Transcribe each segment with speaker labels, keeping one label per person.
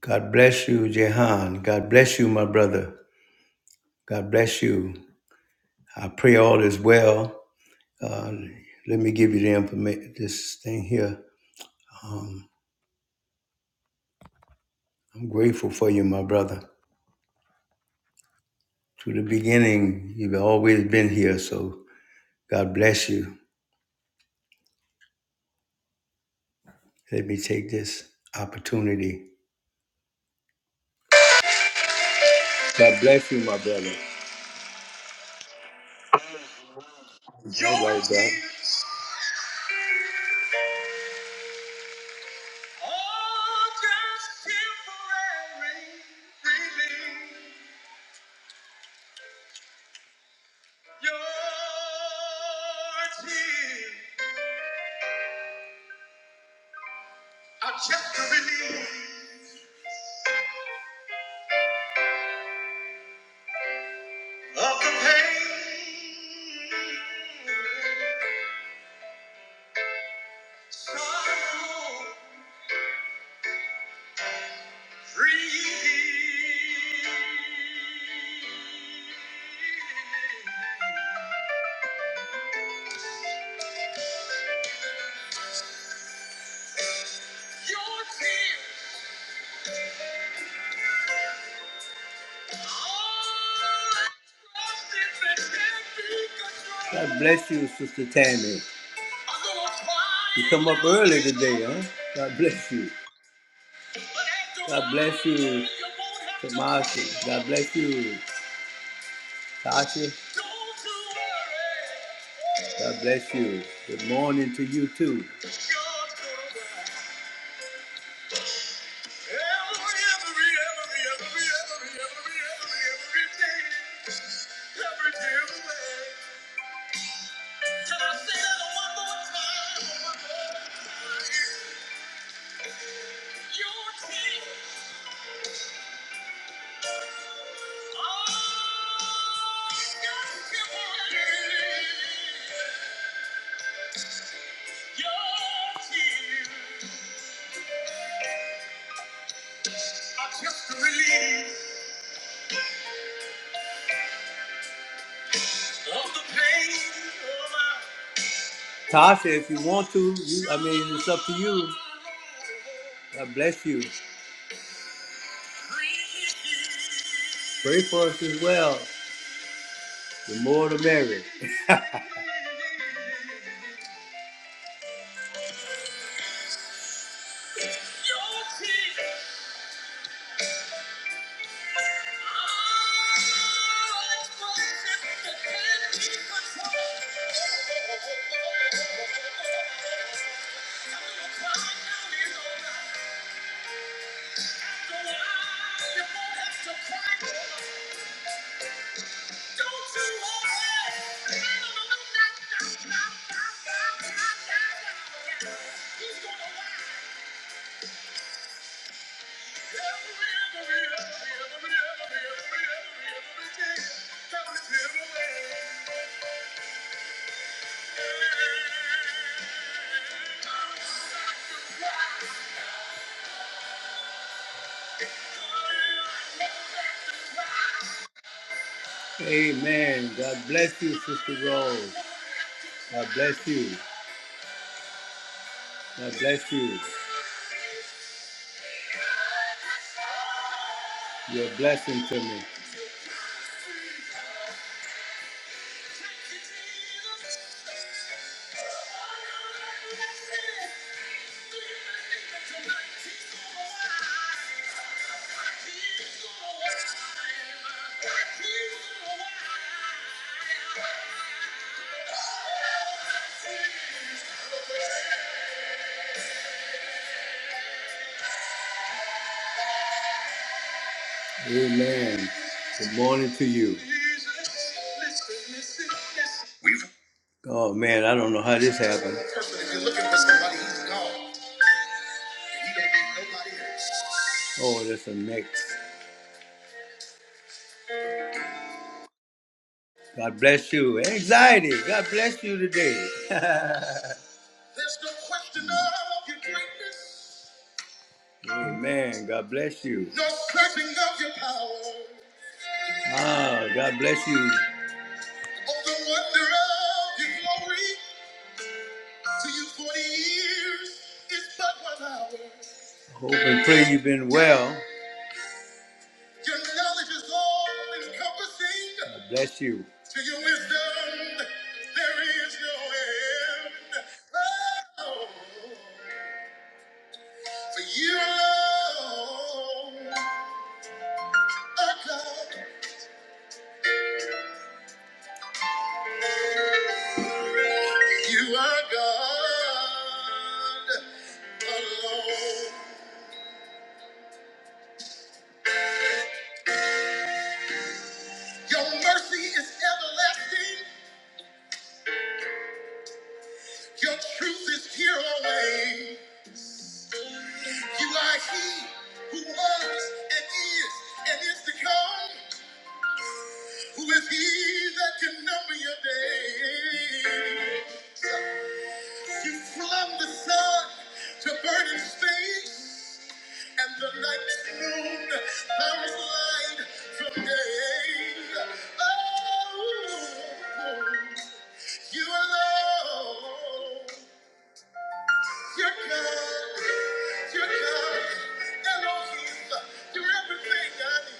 Speaker 1: God bless you, Jehan. God bless you, my brother. God bless you. I pray all is well. Uh, let me give you the information. This thing here. Um, I'm grateful for you, my brother. To the beginning, you've always been here. So God bless you. Let me take this opportunity. All right, bro. I just the relief of the pain. Sorrow free. Your tears. all I trust is that can God bless you, Sister Tammy. You come up early today, huh? God bless you. God bless you, Tomasi. God bless you. Tashi, God bless you. Good morning to you too. Your tears, are Just a relief. Tasha, if you want to, you, I mean, it's up to you. God bless you. Pray for us as well. The more the merrier. Amen. God bless you, Sister Rose. God bless you. God bless you. You're a blessing to me. Amen. Good morning to you. Oh man, I don't know how this happened. Oh, that's a mix. God bless you. Anxiety. God bless you today. There's no question of your greatness. Amen. God bless you. No question of your power. Ah, God bless you. Oh, the wonder of your glory. To you, 40 years is but one hour. Hope and pray you've been well. Your knowledge is all encompassing. God Bless you. To your wisdom, there is no end. Oh, for you alone are God. You are God alone. Your mercy is everlasting. Your truth is here always. You are He who was and is and is to come. Who is he that can number your days? You flung the sun to burning space, and the night's moon bounds light from day. Oh, you alone, you're God, you're God, Elohim, you're everything I need.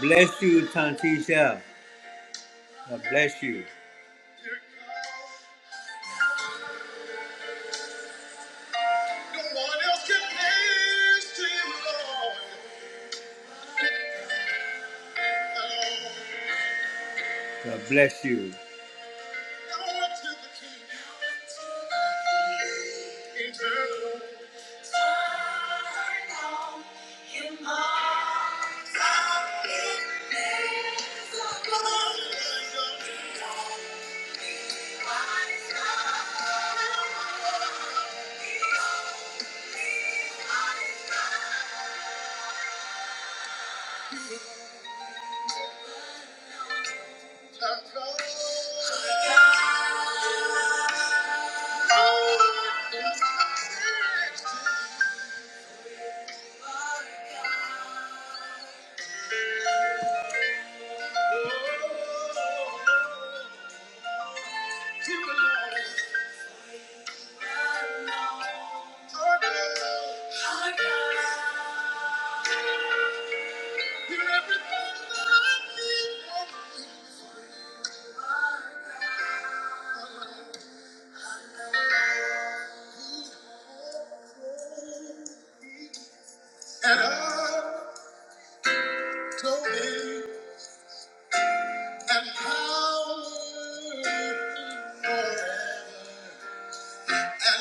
Speaker 1: God bless you, Tantisha. God bless you. God bless you. Thank you. And I told him and howled forever. And then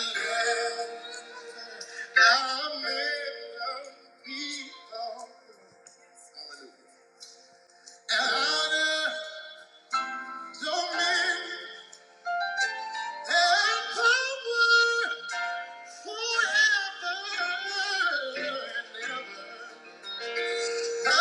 Speaker 1: I met the people. and I told him and power forever and ever. Thank you.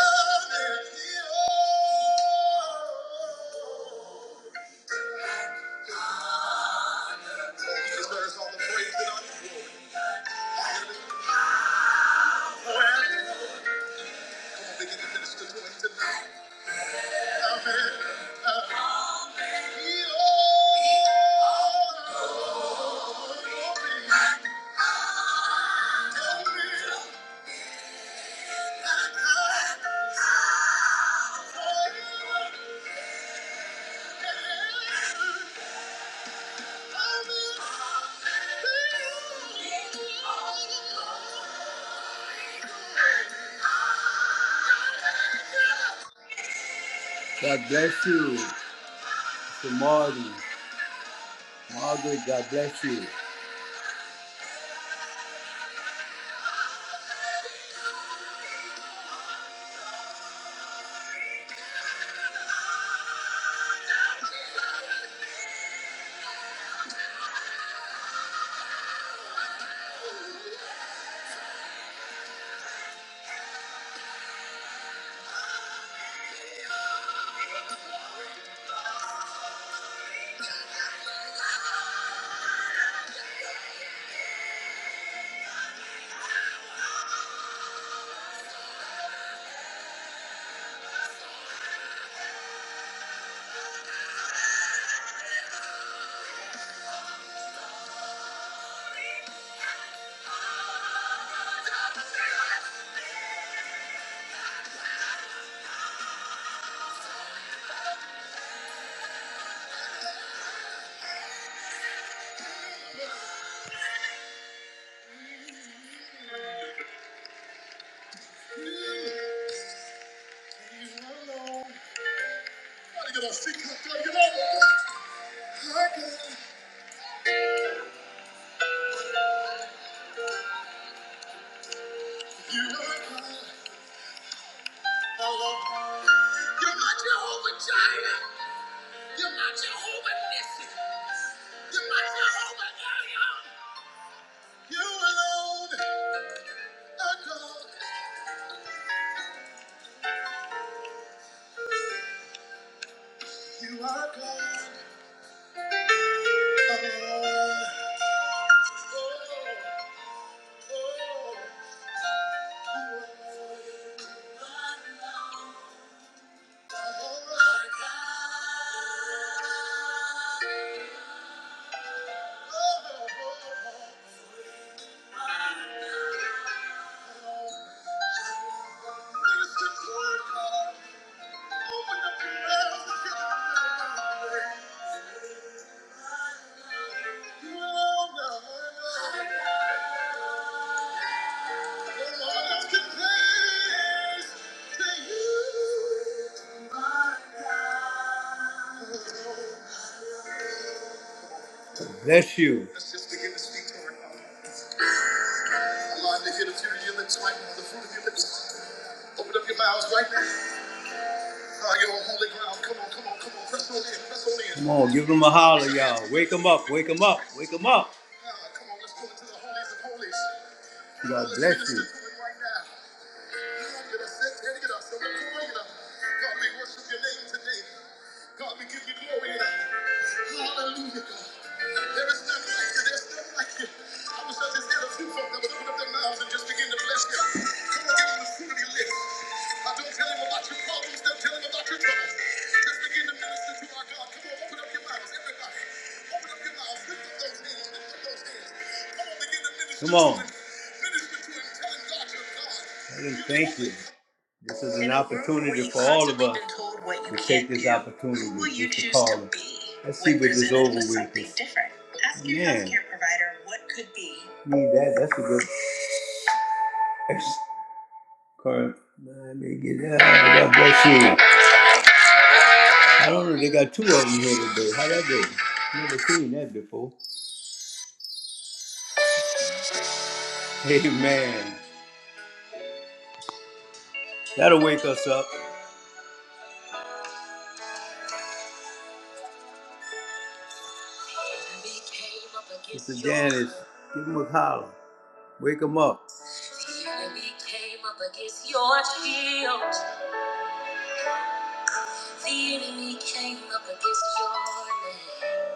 Speaker 1: God bless you, Mr. Martin. Margaret, God bless you. I love you. You're my Jehovah Jireh. You're my Jehovah Nissi. You're my Jehovah Elion. You alone are God. You are God alone. Oh, oh, oh. Minister Clark. Bless you. Let's just begin to speak to her. Allow him to hear the fruit of your lips right now. The fruit of your lips. Open up your mouths right now. Come on, give them a holler, y'all. Wake them up, wake them up, wake them up. God bless you. God, we worship your name today. God, we give you glory and honor. Hallelujah, God. There is none like you. There's none like you. I wish I just had a few folk that would open up their mouths and just begin to bless you. Come on, give him the fruit of your lips. I don't tell him about your problems. Don't tell him about your troubles. Just begin to minister to our God. Come on, open up your mouths, everybody. Open up your mouths. Lift up those hands. Lift up those hands. Come on, begin to minister Come on. to him. Minister to him. Tell him God, you're God. And thank you. This is an opportunity for all of us to take this opportunity to choose call to it. Let's see what is over with. Ask your Man. healthcare provider what could be. Need that. That's a good. That's- Card. I may get that. God bless you. I don't know. They got two of them here today. How that go? Never seen that before. Amen. That'll wake us up. Mr. Janice, give him a holler. Wake them up. The enemy came up against your shield. The enemy came up against your name.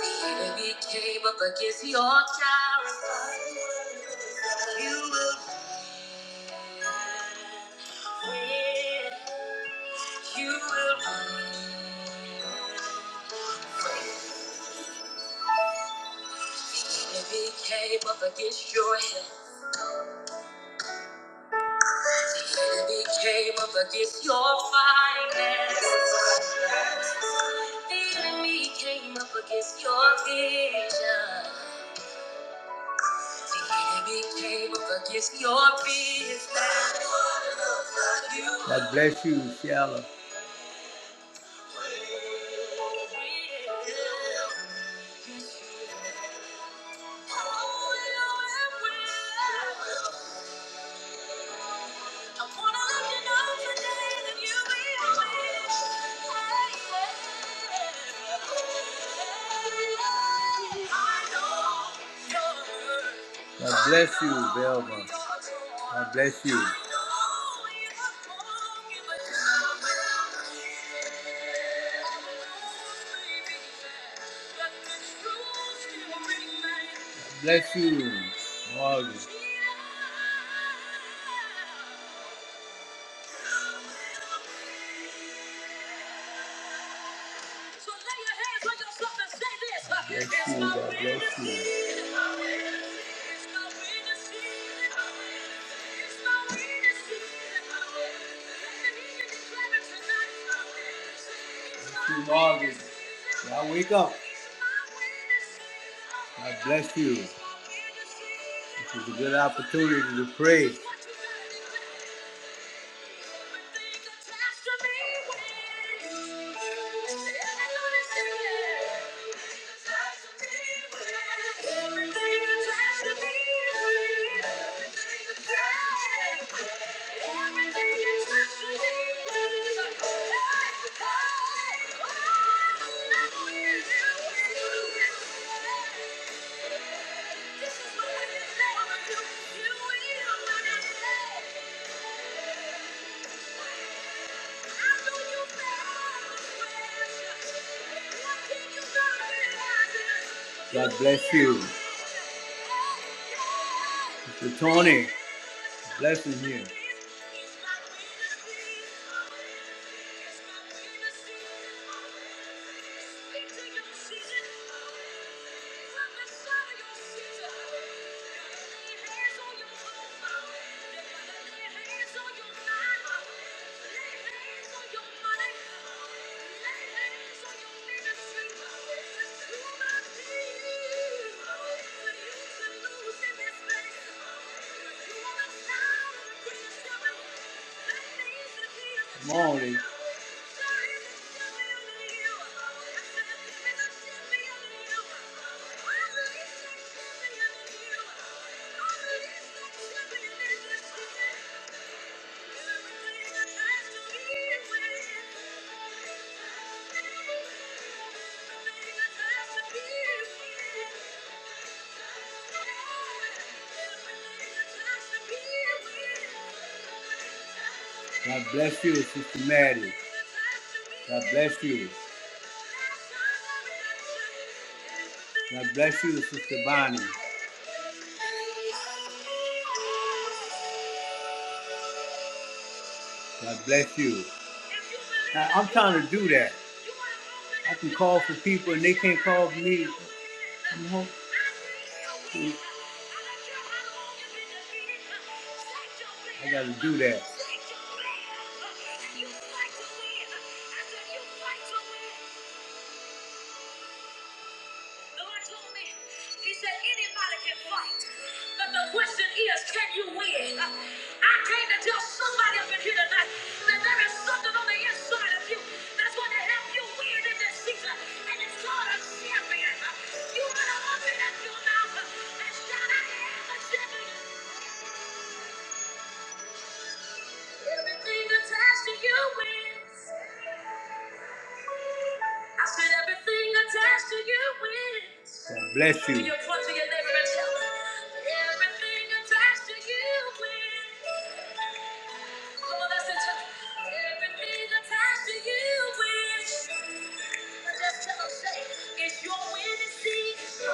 Speaker 1: The enemy came up against your character. You will win. Win. You will win. The enemy came up against your health. They came up against your finances. The enemy came up against your vision. The enemy came up against your business. God bless you, Shallow. God bless you, Belva. God bless you. Bless you, Morgan. Bless you. God bless you. In August, y'all wake up. God bless you. This is a good opportunity to pray. God bless you. Mr. Tony. Blessing you. Morning. God bless you, Sister Maddie. God bless you. God bless you, Sister Bonnie. God bless you. Now, I'm trying to do that. I can call for people and they can't call for me. I'm home. I gotta do that. God bless you.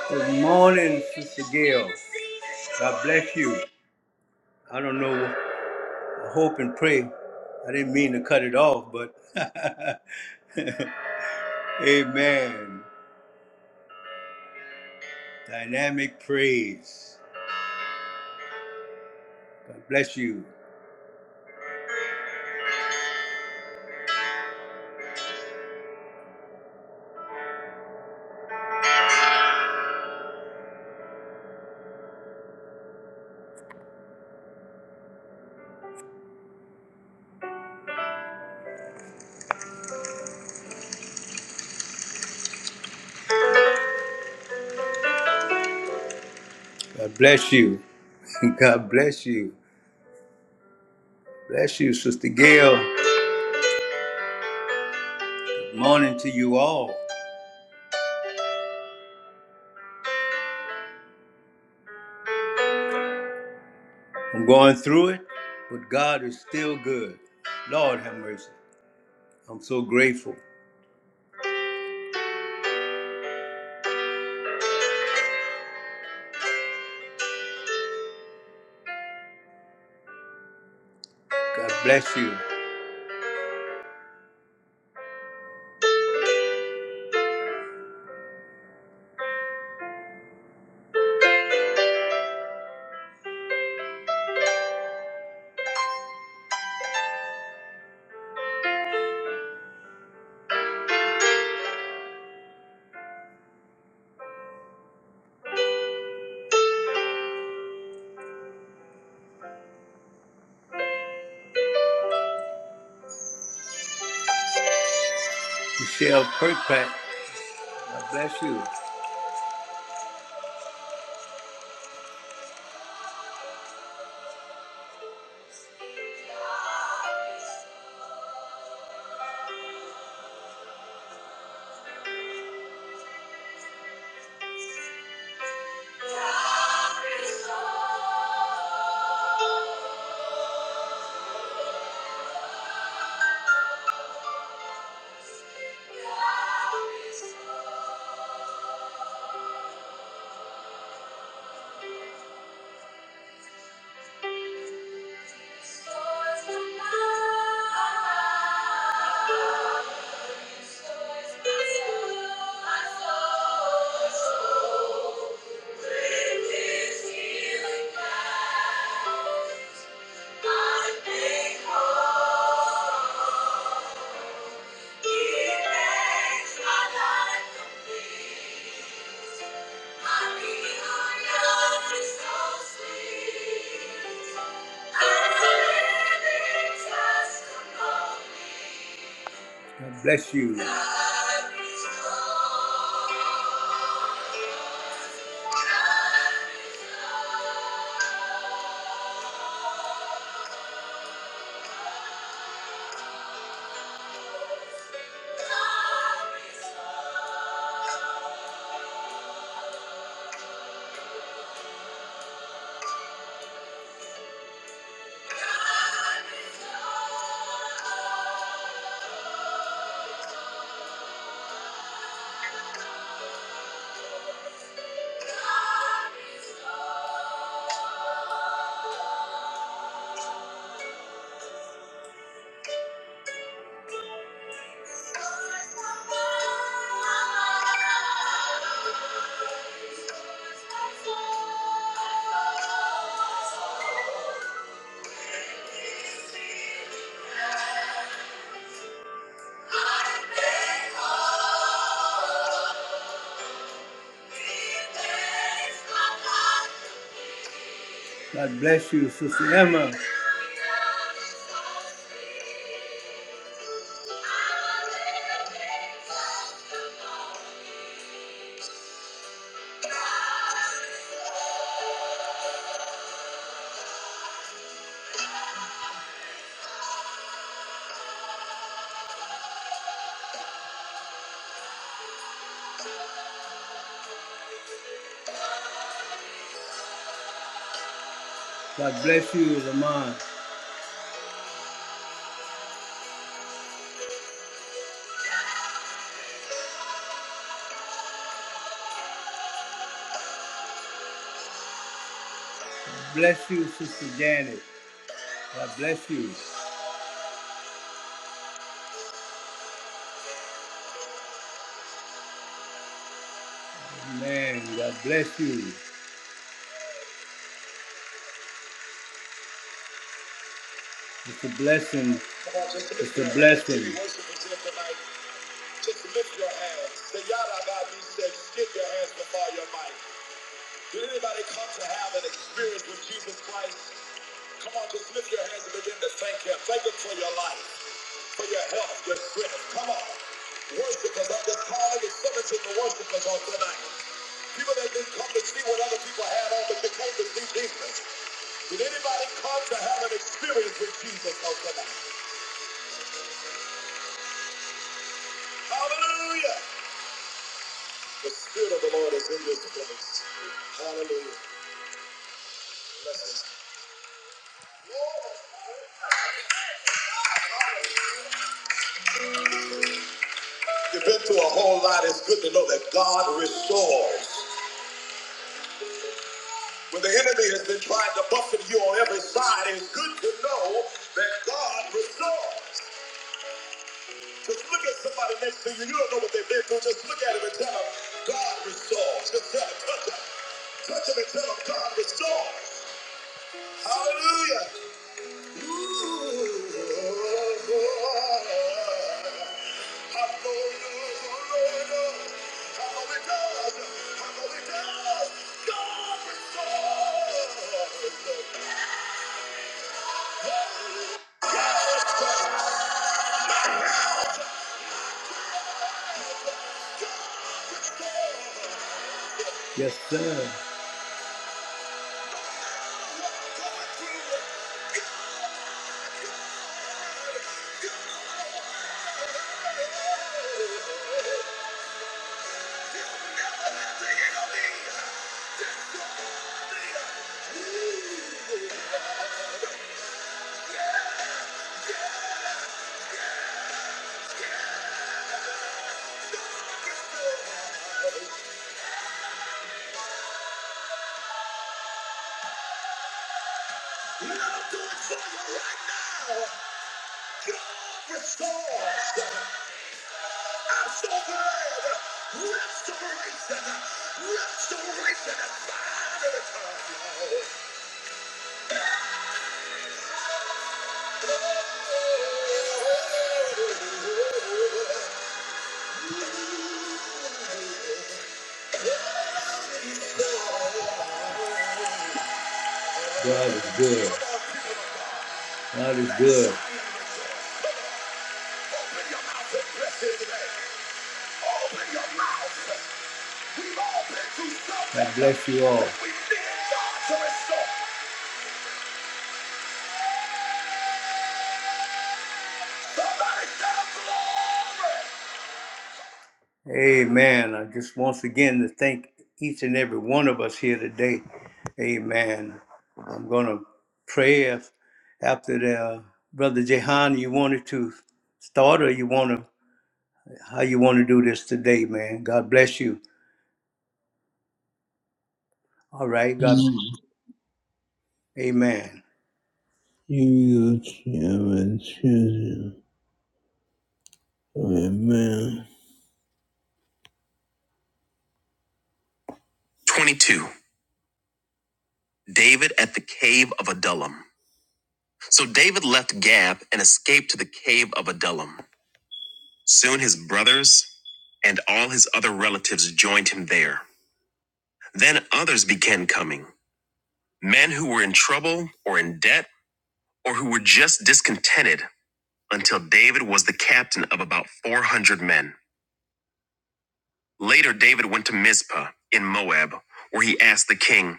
Speaker 1: Good morning, It's Sister Gail. God bless you. I don't know. I hope and pray. I didn't mean to cut it off, but amen. Dynamic praise. God bless you. God bless you. God bless you. Bless you, Sister Gail. Good morning to you all. I'm going through it, but God is still good. Lord have mercy. I'm so grateful. God bless you. Michelle Kirkpatrick, God bless you. God Bless you. God Thank you. God bless you, Sister Emma. God bless you, Lamont. God bless you, Sister Janet. God bless you. Amen. God bless you. It's a blessing. It's a blessing. Just lift your hands. The yada God, we say, skip your hands before your mic. Did anybody come to have an experience with Jesus Christ? Come on, just lift your hands and begin to thank Him. Thank Him for your life, for your health, your strength. Come on. Worshipers, I'm just calling and summoning the worshipers on tonight. People that didn't come to see what other people had on, but they came to see Jesus. Did anybody come to have an experience with Jesus on tonight? Hallelujah! The Spirit of the Lord is in this place. Hallelujah. Bless us. Lord, hallelujah. You've been through a whole lot. It's good to know that God restores. When the enemy has been trying to buffet you on every side, it's good to know that God restores. Just look at somebody next to you. You don't know what they've been through. Just look at him and tell him, God restores. Just tell him, touch him. Touch him and tell him, God restores. Hallelujah. Yes, sir. Restoration, restoration, and fire. God is good. God is good. God bless you all. Amen. I just once again to thank each and every one of us here today. Amen. I'm going to pray if, after the uh, brother Jehan, you wanted to start or you want to how you want to do this today, man. God bless you. All right. God. Amen.
Speaker 2: Amen. 22. David at the cave of Adullam. So David left Gab and escaped to the cave of Adullam. Soon his brothers and all his other relatives joined him there. Then others began coming men who were in trouble or in debt or who were just discontented until David was the captain of about 400 men. Later, David went to Mizpah in Moab, where he asked the king,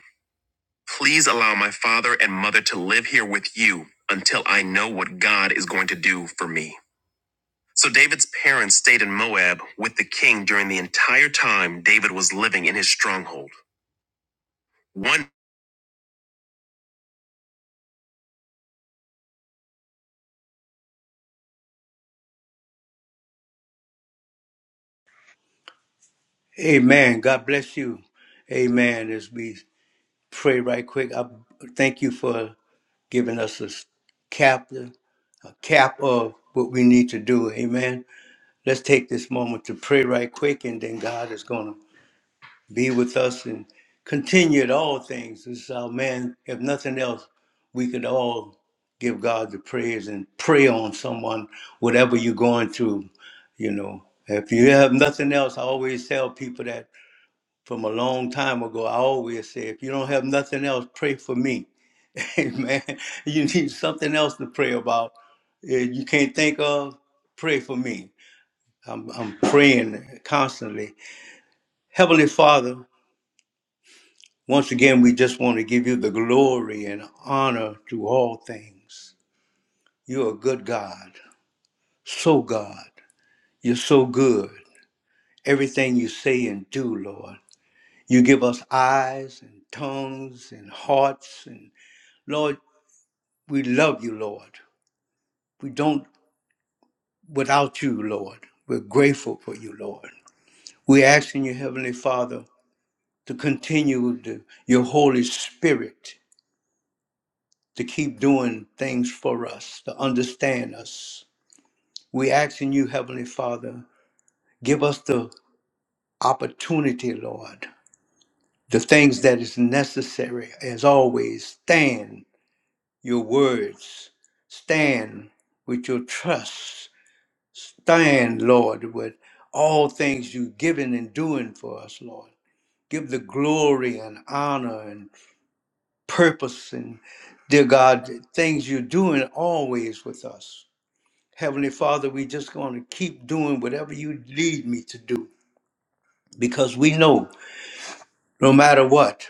Speaker 2: Please allow my father and mother to live here with you until I know what God is going to do for me. So David's parents stayed in Moab with the king during the entire time David was living in his stronghold. One
Speaker 1: Amen. God bless you. Amen. As we pray right quick. I thank you for giving us a cap, a cap of what we need to do. Amen. Let's take this moment to pray right quick, and then God is going to be with us and continue at all things. This is our man. If nothing else, we could all give God the praise and pray on someone, whatever you're going through. You know, if you have nothing else, I always tell people that from a long time ago, I always say, if you don't have nothing else, pray for me. Amen. You need something else to pray about. If you can't think of, pray for me. I'm, I'm praying constantly. Heavenly Father, once again, we just want to give you the glory and honor to all things. You're a good God, so God. You're so good. Everything you say and do, Lord. You give us eyes and tongues and hearts and Lord, We love you, Lord. We don't without you, Lord. We're grateful for you, Lord. We're asking you, Heavenly Father, to continue the, your Holy Spirit to keep doing things for us, to understand us. We're asking you, Heavenly Father, give us the opportunity, Lord, the things that is necessary, as always, stand your words, stand with your trust, Stand, Lord, with all things you've given and doing for us, Lord. Give the glory and honor and purpose and, dear God, things you're doing always with us. Heavenly Father, we just going to keep doing whatever you lead me to do because we know no matter what,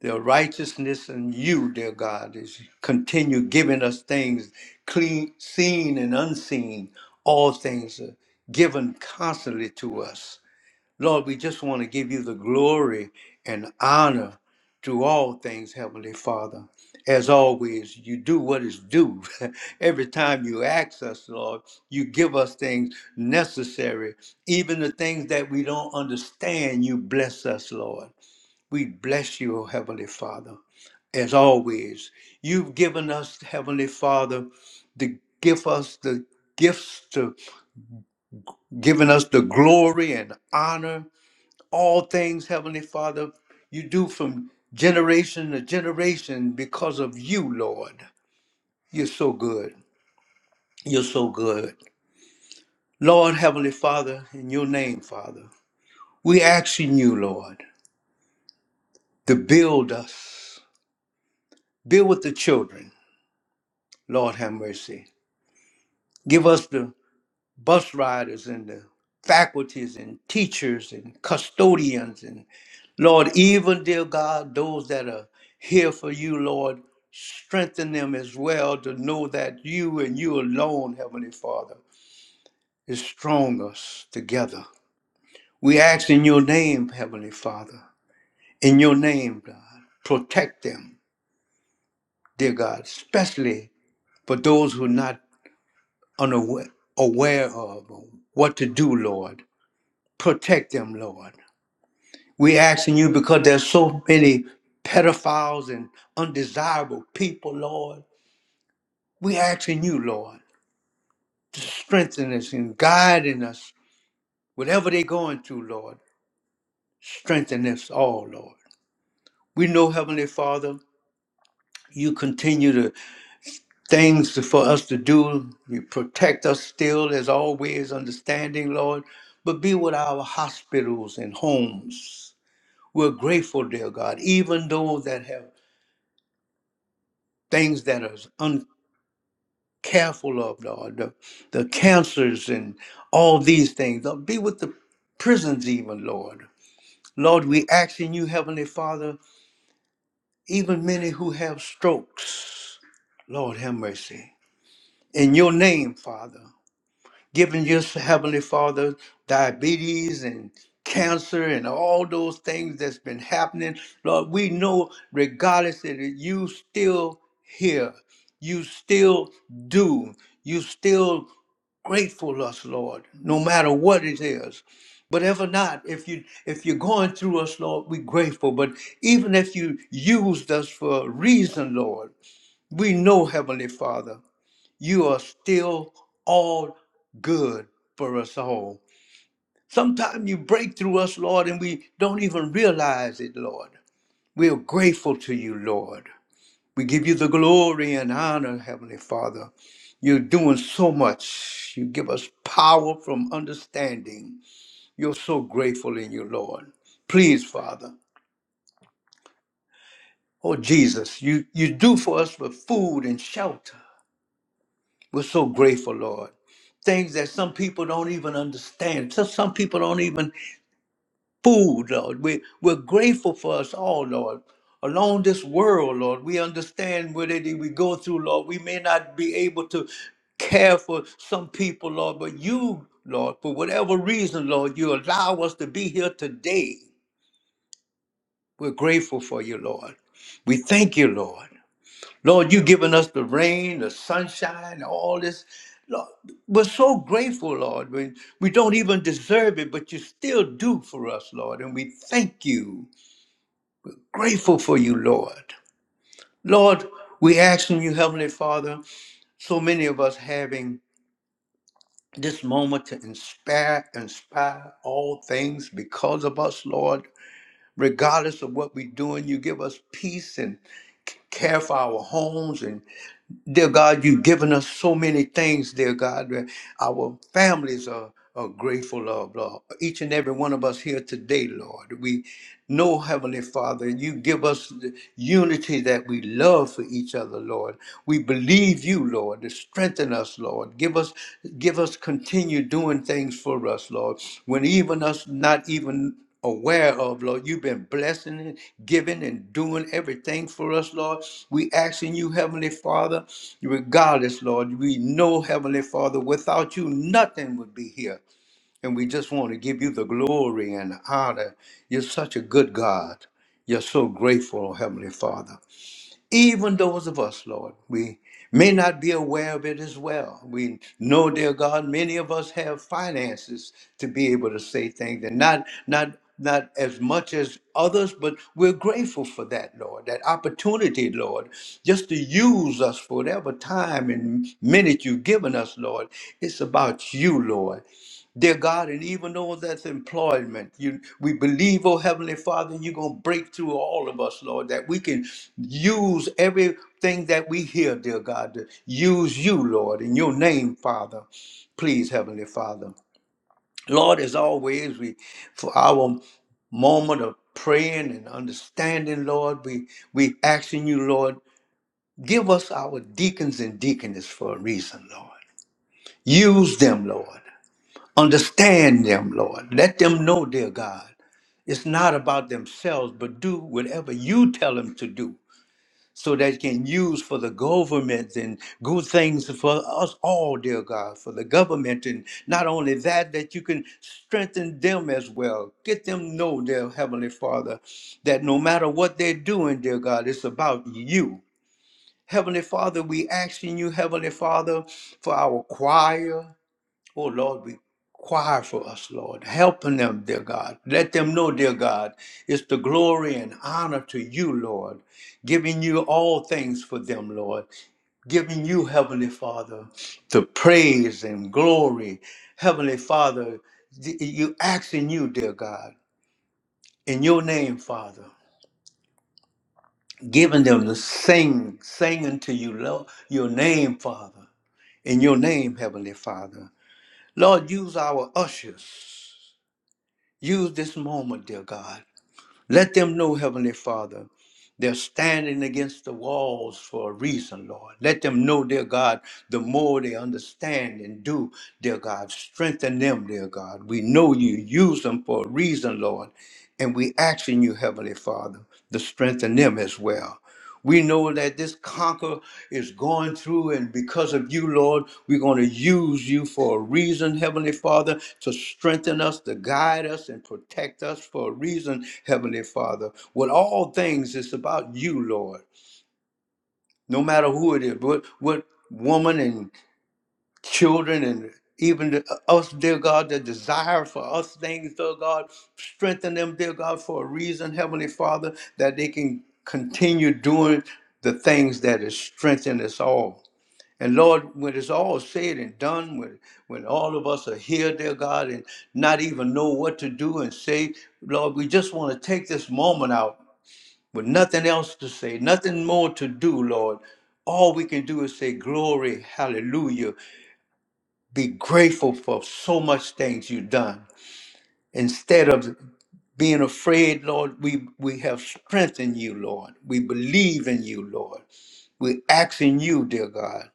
Speaker 1: the righteousness in you, dear God, is continue giving us things clean, seen and unseen. All things are given constantly to us. Lord, we just want to give you the glory and honor to all things, Heavenly Father. As always, you do what is due. Every time you ask us, Lord, you give us things necessary. Even the things that we don't understand, you bless us, Lord. We bless you, O Heavenly Father. As always, you've given us, Heavenly Father, to give us the gifts, to giving us the glory and honor all things, Heavenly Father, you do from generation to generation because of you, Lord. You're so good. You're so good. Lord, Heavenly Father, in your name, Father, we asking you, Lord, to build us, build with the children, Lord have mercy. Give us the bus riders and the faculties and teachers and custodians and. Lord, even dear God, those that are here for you, Lord, strengthen them as well to know that you and you alone, Heavenly Father, is strong us together. We ask in your name, Heavenly Father, in your name, God, protect them, dear God, especially for those who are not unaware aware of what to do, Lord. Protect them, Lord. We asking you because there's so many pedophiles and undesirable people, Lord. We asking you, Lord, to strengthen us and guiding us. Whatever they're going through, Lord, strengthen us all, Lord. We know, Heavenly Father, you continue the things for us to do. You protect us still as always, understanding, Lord. But be with our hospitals and homes. We're grateful, dear God, even those that have things that are uncomfortable careful of, Lord, the, the cancers and all these things. Lord, be with the prisons, even, Lord. Lord, we ask in you, Heavenly Father, even many who have strokes, Lord, have mercy. In your name, Father giving your heavenly father diabetes and cancer and all those things that's been happening lord we know regardless that it, you still hear, you still do you still grateful us lord no matter what it is but if not if you if you're going through us lord we grateful but even if you used us for a reason lord we know heavenly father you are still all good for us all. Sometimes you break through us, Lord, and we don't even realize it, Lord. We are grateful to you, Lord. We give you the glory and honor, Heavenly Father. You're doing so much. You give us power from understanding. You're so grateful in you, Lord. Please, Father. Oh, Jesus, you, you do for us for food and shelter. We're so grateful, Lord. Things that some people don't even understand. So some people don't even food, Lord. We, we're grateful for us all, Lord. Along this world, Lord, we understand what it is we go through, Lord. We may not be able to care for some people, Lord, but you, Lord, for whatever reason, Lord, you allow us to be here today. We're grateful for you, Lord. We thank you, Lord. Lord, you have given us the rain, the sunshine, all this. Lord, we're so grateful, Lord. We, we don't even deserve it, but you still do for us, Lord. And we thank you. Grateful for you, Lord. Lord, we ask in you, Heavenly Father, so many of us having this moment to inspire, inspire all things because of us, Lord. Regardless of what we're doing, you give us peace and care for our homes and. Dear God, you've given us so many things, dear God. that Our families are, are grateful of, Lord. Each and every one of us here today, Lord. We know, Heavenly Father, you give us the unity that we love for each other, Lord. We believe you, Lord, to strengthen us, Lord. Give us, give us continue doing things for us, Lord. When even us not even aware of, Lord. You've been blessing and giving and doing everything for us, Lord. We asking you, Heavenly Father, regardless, Lord, we know, Heavenly Father, without you, nothing would be here. And we just want to give you the glory and the honor. You're such a good God. You're so grateful, Heavenly Father. Even those of us, Lord, we may not be aware of it as well. We know, dear God, many of us have finances to be able to say things and not not not as much as others, but we're grateful for that, Lord, that opportunity, Lord, just to use us for whatever time and minute you've given us, Lord. It's about you, Lord. Dear God, and even though that's employment, you we believe, oh Heavenly Father, you're gonna break through all of us, Lord, that we can use everything that we hear, dear God, to use you, Lord, in your name, Father. Please, Heavenly Father. Lord, as always, we for our moment of praying and understanding, Lord, we we asking you, Lord, give us our deacons and deaconesses for a reason, Lord. Use them, Lord. Understand them, Lord. Let them know, dear God, it's not about themselves, but do whatever you tell them to do so they can use for the government and good things for us all, dear God, for the government. And not only that, that you can strengthen them as well. Get them know, dear Heavenly Father, that no matter what they're doing, dear God, it's about you. Heavenly Father, we asking you, Heavenly Father, for our choir. Oh Lord, require for us, Lord. Helping them, dear God. Let them know, dear God, it's the glory and honor to you, Lord. Giving you all things for them, Lord. Giving you, Heavenly Father, the praise and glory. Heavenly Father, th- you asking you, dear God, in your name, Father, giving them to sing, singing to you, Lord, your name, Father. In your name, Heavenly Father. Lord, use our ushers. Use this moment, dear God. Let them know, Heavenly Father, they're standing against the walls for a reason, Lord. Let them know, dear God, the more they understand and do, dear God, strengthen them, dear God. We know you use them for a reason, Lord. And we ask in you, Heavenly Father, to strengthen them as well. We know that this conquer is going through, and because of you, Lord, we're going to use you for a reason, Heavenly Father, to strengthen us, to guide us, and protect us for a reason, Heavenly Father. With all things, it's about you, Lord. No matter who it is, what what woman and children and even us, dear God, the desire for us things, dear God. Strengthen them, dear God, for a reason, Heavenly Father, that they can continue doing the things that is strengthening us all. And Lord, when it's all said and done, when, when all of us are here, dear God, and not even know what to do and say, Lord, we just want to take this moment out with nothing else to say, nothing more to do, Lord. All we can do is say, Glory, hallelujah be grateful for so much things you've done. Instead of being afraid, Lord, we, we have strength in you, Lord. We believe in you, Lord. We're asking you, dear God,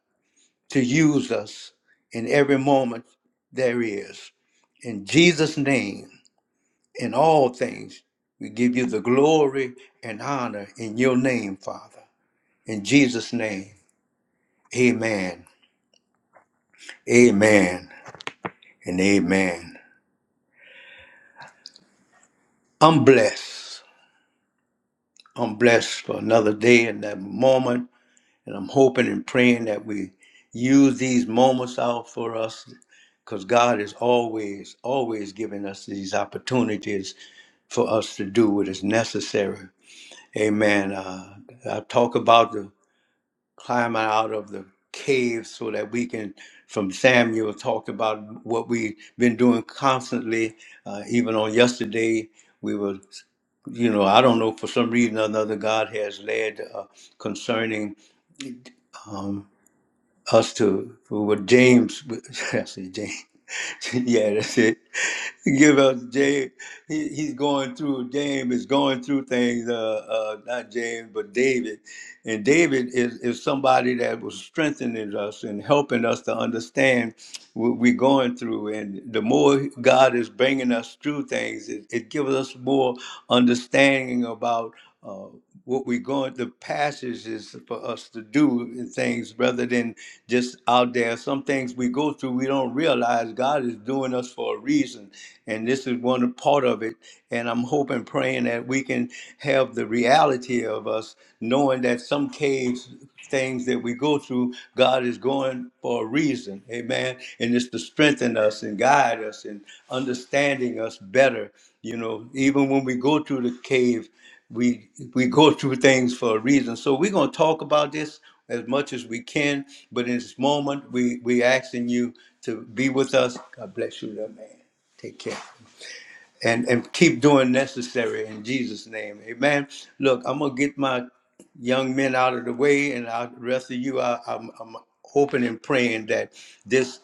Speaker 1: to use us in every moment there is. In Jesus' name, in all things, we give you the glory and honor in your name, Father. In Jesus' name, amen, amen, and amen. I'm blessed. I'm blessed for another day and that moment. And I'm hoping and praying that we use these moments out for us because God is always, always giving us these opportunities for us to do what is necessary. Amen. Uh, I talk about the climbing out of the cave so that we can, from Samuel, talk about what we've been doing constantly. Uh, even on yesterday, we were, you know, I don't know, for some reason or another, God has led uh, concerning um, us to, with James, I say James. yeah, that's it. Give us James. He, he's going through. James is going through things. Uh, uh, not James, but David. And David is is somebody that was strengthening us and helping us to understand what we're going through. And the more God is bringing us through things, it, it gives us more understanding about. Uh, what we're going the passage is for us to do in things rather than just out there some things we go through we don't realize god is doing us for a reason and this is one part of it and i'm hoping praying that we can have the reality of us knowing that some caves things that we go through god is going for a reason amen and it's to strengthen us and guide us and understanding us better you know even when we go through the cave we we go through things for a reason. So we're going to talk about this as much as we can. But in this moment, we we asking you to be with us. God bless you, little man. Take care. And and keep doing necessary in Jesus' name. Amen. Look, I'm gonna get my young men out of the way, and I, the rest of you, I, I'm, I'm hoping and praying that this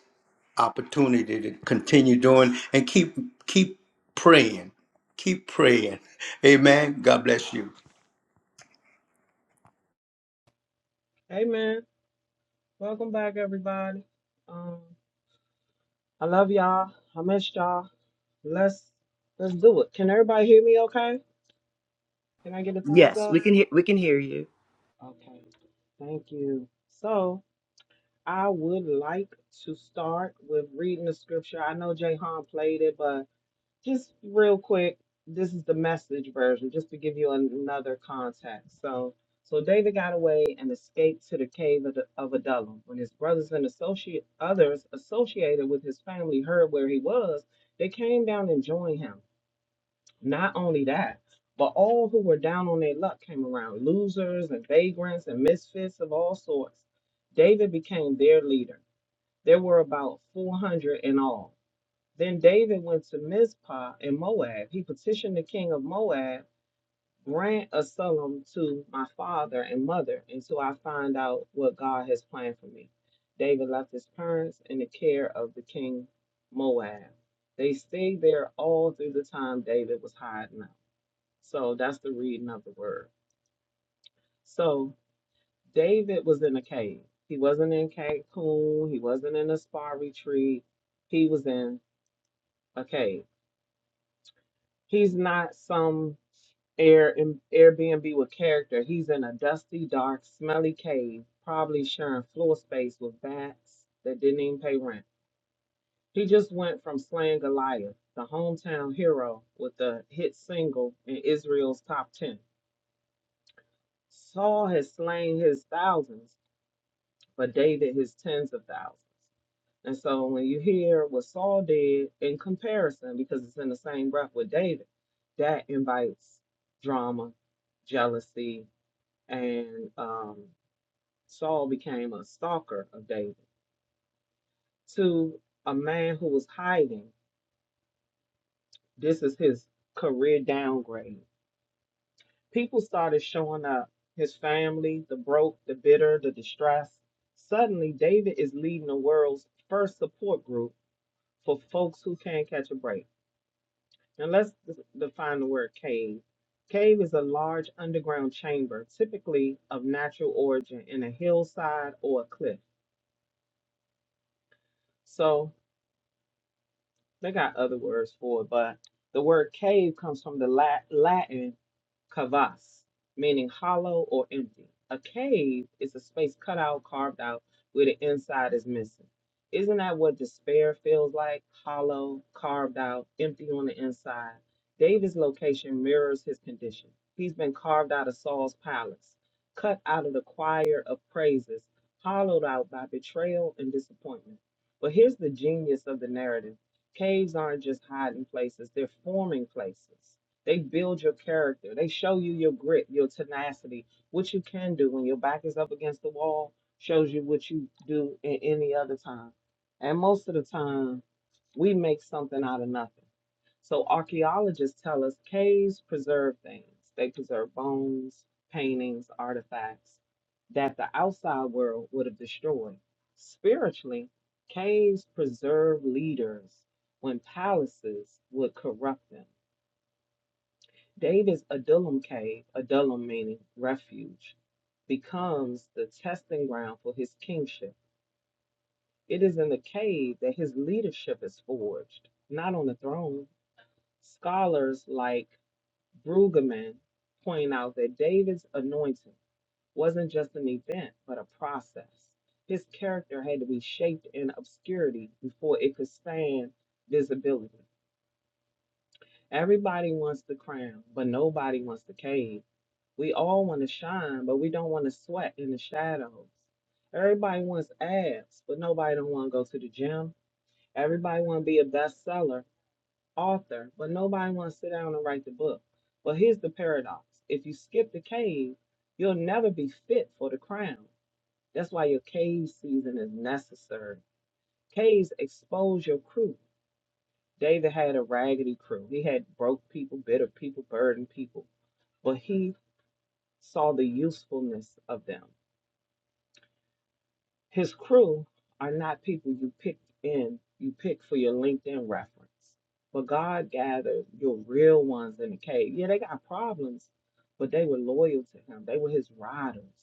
Speaker 1: opportunity to continue doing and keep keep praying, keep praying. Amen. God bless you.
Speaker 3: Hey man, welcome back everybody. Um, I love y'all. I missed y'all. Let's let's do it. Can everybody hear me? Okay? Can I get a thumbs
Speaker 4: Yes, we
Speaker 3: up?
Speaker 4: can hear we can hear you.
Speaker 3: Okay. Thank you. So I would like to start with reading the scripture. I know Jay Han played it, but. Just real quick, this is the message version, just to give you another context. So, so David got away and escaped to the cave of, of Adullam. When his brothers and associate others associated with his family heard where he was, they came down and joined him. Not only that, but all who were down on their luck came around, losers and vagrants and misfits of all sorts. David became their leader. There were about 400 in all. Then David went to Mizpah in Moab. He petitioned the king of Moab, grant Absalom to my father and mother until I find out what God has planned for me. David left his parents in the care of the king Moab. They stayed there all through the time David was hiding out. So that's the reading of the word. So David was in a cave. He wasn't in Cancun. He wasn't in a spa retreat. He was in a cave. He's not some Air in Airbnb with character. He's in a dusty, dark, smelly cave, probably sharing floor space with bats that didn't even pay rent. He just went from slaying Goliath, the hometown hero, with the hit single in Israel's top 10. Saul has slain his thousands, but David his tens of thousands. And so when you hear what Saul did in comparison, because it's in the same breath with David, that invites drama, jealousy, and um, Saul became a stalker of David. To a man who was hiding, this is his career downgrade. People started showing up his family, the broke, the bitter, the distressed. Suddenly, David is leading the world's first support group for folks who can't catch a break. And let's d- define the word cave. Cave is a large underground chamber, typically of natural origin, in a hillside or a cliff. So They got other words for it, but the word cave comes from the Latin cavas, meaning hollow or empty. A cave is a space cut out, carved out, where the inside is missing. Isn't that what despair feels like? Hollow, carved out, empty on the inside. David's location mirrors his condition. He's been carved out of Saul's palace, cut out of the choir of praises, hollowed out by betrayal and disappointment. But here's the genius of the narrative. Caves aren't just hiding places, they're forming places. They build your character, they show you your grit, your tenacity, what you can do when your back is up against the wall, shows you what you do in any other time. And most of the time, we make something out of nothing. So archaeologists tell us caves preserve things. They preserve bones, paintings, artifacts that the outside world would have destroyed. Spiritually, caves preserve leaders when palaces would corrupt them. David's Adullam cave, Adullam meaning refuge, becomes the testing ground for his kingship. It is in the cave that his leadership is forged, not on the throne. Scholars like Brueggemann point out that David's anointing wasn't just an event, but a process. His character had to be shaped in obscurity before it could stand visibility. Everybody wants the crown, but nobody wants the cave. We all want to shine, but we don't want to sweat in the shadows. Everybody wants abs, but nobody don't want to go to the gym. Everybody want to be a bestseller, author, but nobody want to sit down and write the book. Well, here's the paradox. If you skip the cave, you'll never be fit for the crown. That's why your cave season is necessary. Caves expose your crew. David had a raggedy crew. He had broke people, bitter people, burdened people, but he saw the usefulness of them. His crew are not people you pick in, you pick for your LinkedIn reference. But God gathered your real ones in the cave. Yeah, they got problems, but they were loyal to him. They were his riders,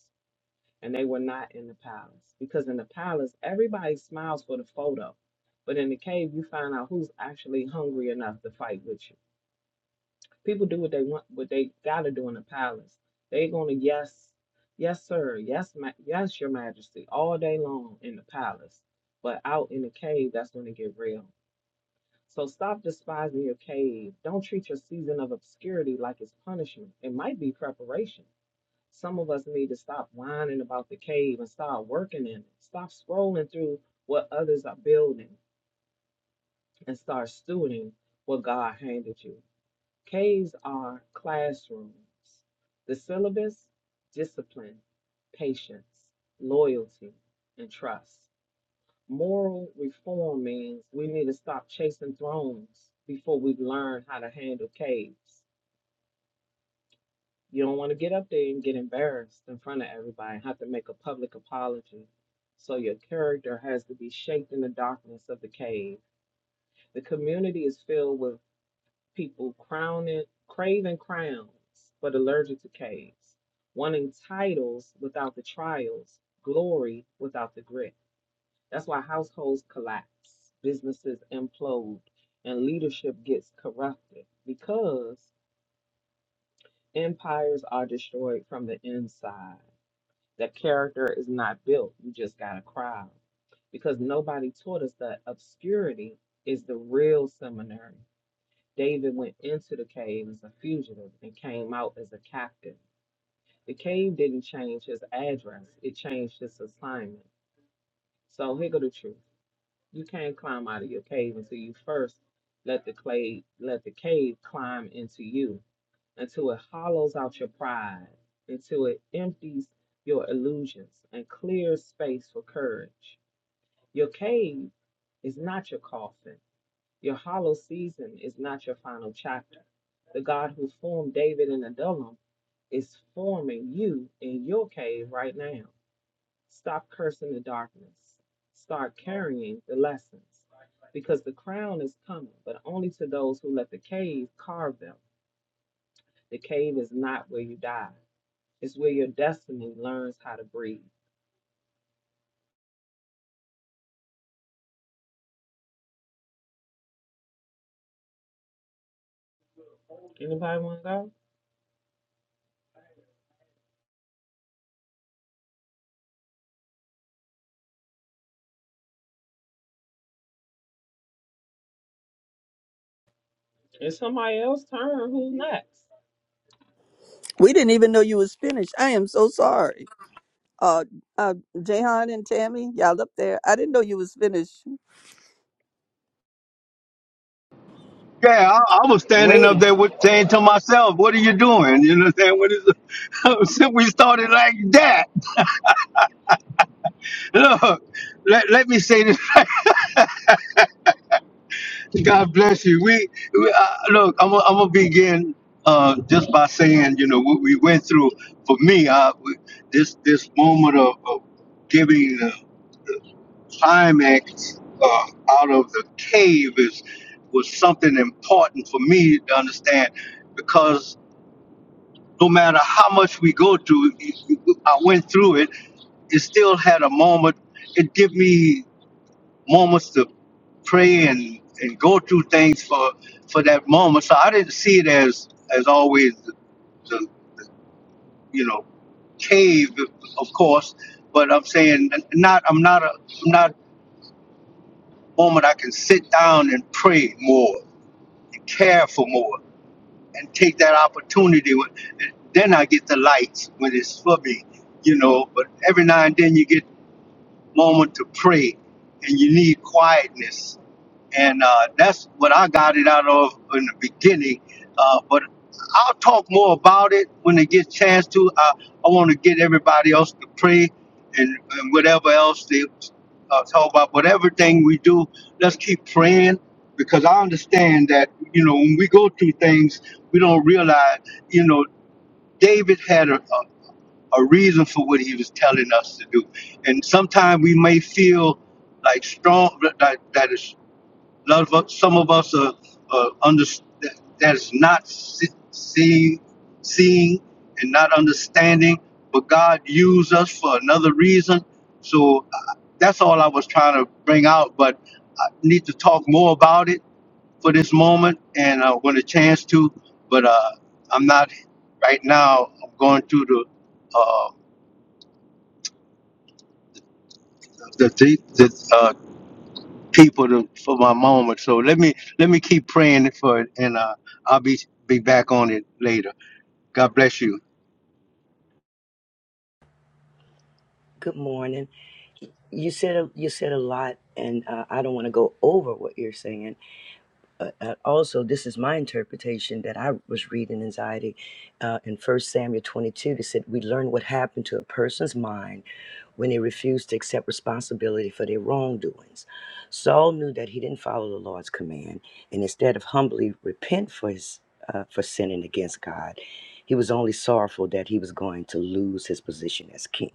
Speaker 3: and they were not in the palace. Because in the palace, everybody smiles for the photo. But in the cave, you find out who's actually hungry enough to fight with you. People do what they want, what they gotta do in the palace. They gonna yes, yes sir, yes ma- yes your Majesty all day long in the palace, but out in the cave that's when it get real. So stop despising your cave. Don't treat your season of obscurity like it's punishment. It might be preparation. Some of us need to stop whining about the cave and start working in it. Stop scrolling through what others are building and start stewarding what God handed you. Ks are classrooms. The syllabus, discipline, patience, loyalty, and trust. Moral reform means we need to stop chasing thrones before we have learned how to handle Ks. You don't want to get up there and get embarrassed in front of everybody and have to make a public apology. So your character has to be shaped in the darkness of the cave. The community is filled with people crowning, craving crowns, but allergic to caves, wanting titles without the trials, glory without the grit. That's why households collapse, businesses implode, and leadership gets corrupted because empires are destroyed from the inside. That character is not built, you just got a crowd. Because nobody taught us that obscurity is the real seminary David went into the cave as a fugitive and came out as a captive. The cave didn't change his address, it changed his assignment. So here go the truth. You can't climb out of your cave until you first let the clay let the cave climb into you, until it hollows out your pride, until it empties your illusions and clears space for courage. Your cave is not your coffin. Your hollow season is not your final chapter. The God who formed David in Adullam is forming you in your cave right now. Stop cursing the darkness. Start carrying the lessons. Because the crown is coming, but only to those who let the cave carve them. The cave is not where you die. It's where your destiny learns how to breathe. Anybody want to go? It's somebody else's turn. Who's next?
Speaker 5: We didn't even know you was finished. I am so sorry. Uh, uh, Jahan and Tammy, y'all up there. I didn't know you was finished.
Speaker 1: Yeah, I, I was standing up
Speaker 4: Waiting.
Speaker 1: there with, saying to myself, "What are you doing?" You know, what I'm saying, "What is?" Since we started like that, look, let, let me say this. God bless you. We, we uh, look. I'm, gonna- I'm gonna begin uh, just by saying, you know, what we went through. For me, uh, we- this this moment of, of giving the climax uh, out of the cave is was something important for me to understand because no matter how much we go through, I went through it. It still had a moment. It gave me moments to pray and, and go through things for for that moment. So I didn't see it as as always the, the you know cave, of course. But I'm saying not. I'm not a. I'm not a moment I can sit down and pray more, and care for more. and take that opportunity. When, then I get the lights when it's for me, you know. But every now and then you get moment to pray and you need quietness. And uh, that's what I got it out of in the beginning. Uh, but I'll talk more about it when they get a chance to. I, I want to get everybody else to pray and, and whatever else they uh, talk about. But everything we do, let's keep praying because I understand that, you know, when we go through things, we don't realize, you know, David had a, a reason for what he was telling us to do. And sometimes we may feel like strong that that is love. of- Some of us are, are under that is not se- seeing, seeing, and not understanding. But God used us for another reason. So uh, that's all I was trying to bring out. But I need to talk more about it for this moment, and uh, when a chance to. But uh, I'm not right now. I'm going through the. uh, the the, the uh, people to, for my moment. So let me let me keep praying for it, and uh, I'll be be back on it later. God bless you.
Speaker 4: Good morning. You said a, you said a lot, and uh, I don't want to go over what you're saying. Uh, uh, also, this is my interpretation that I was reading anxiety uh, in First Samuel 22. They said we learn what happened to a person's mind when they refused to accept responsibility for their wrongdoings. Saul knew that he didn't follow the Lord's command, and instead of humbly repent for his uh, for sinning against God, he was only sorrowful that he was going to lose his position as king.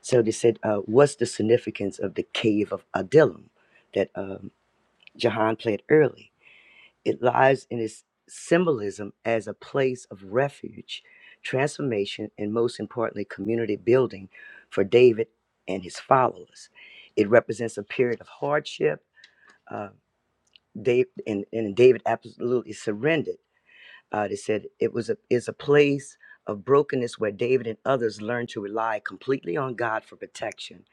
Speaker 4: So they said, uh, "What's the significance of the cave of Adullam that um, Jahan played early?" It lies in its symbolism as a place of refuge, transformation, and most importantly, community building for David and his followers. It represents a period of hardship. Uh, Dave, and, and David absolutely surrendered. Uh, they said it was a, is a place of brokenness where David and others learned to rely completely on God for protection,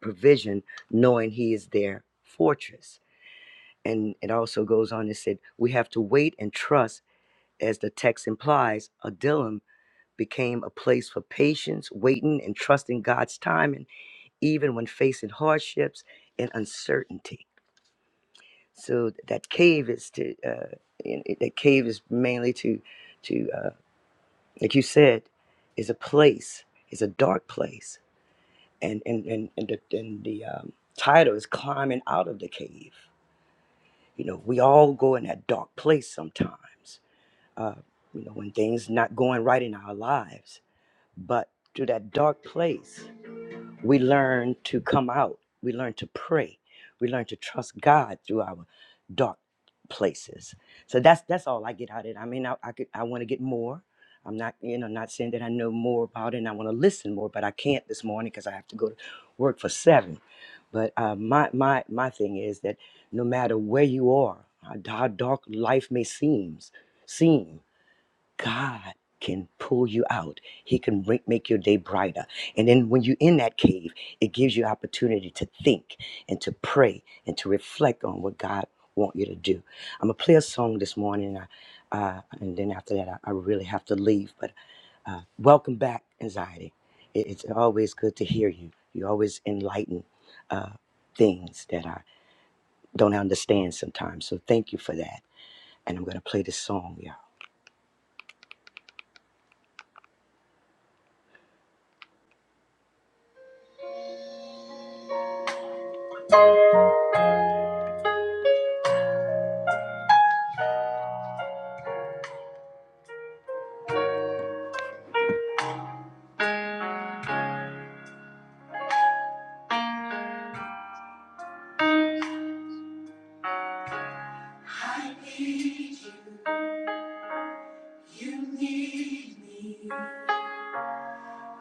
Speaker 4: provision, knowing He is their fortress. And it also goes on and said, we have to wait and trust as the text implies, Adullam became a place for patience, waiting, and trusting God's timing, even when facing hardships and uncertainty. So that cave is to uh, in- it- that cave is mainly to to uh, like you said, is a place, is a dark place, and and and and the, and the um, title is climbing out of the cave. You know, we all go in that dark place sometimes. Uh, you know, when things not going right in our lives But through that dark place, we learn to come out. We learn to pray. We learn to trust God through our dark places. So that's that's all I get out of it. I mean, I I, could- I want to get more. I'm not, you know, not saying that I know more about it and I want to listen more, but I can't this morning because I have to go to work for seven. But uh, my my my thing is that no matter where you are, how, how dark life may seems seem, God can pull you out. He can re- make your day brighter. And then when you're in that cave, it gives you opportunity to think and to pray and to reflect on what God wants you to do. I'm gonna play a song this morning, and, I, uh, and then after that, I, I really have to leave. But uh, welcome back, anxiety. It, it's always good to hear you. You always enlighten uh, things that I don't understand sometimes. So thank you for that. And I'm gonna play this song, y'all. I need you. You need me.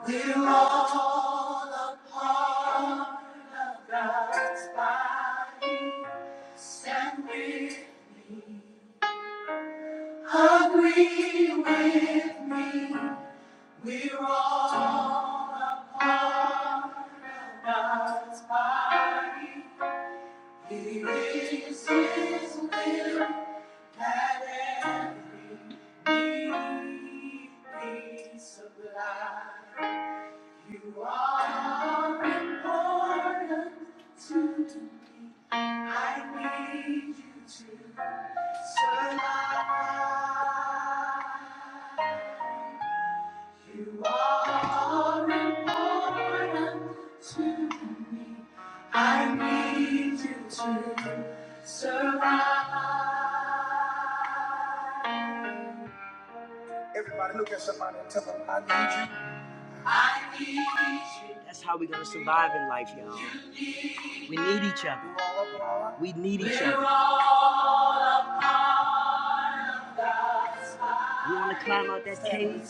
Speaker 4: We're all a part of God's body. Stand with me, please. I need you to survive. I need you to survive. Everybody look at somebody and tell them, I need you. That's how we're gonna survive in life, y'all. We need each other. We need each other. You wanna climb out that cave?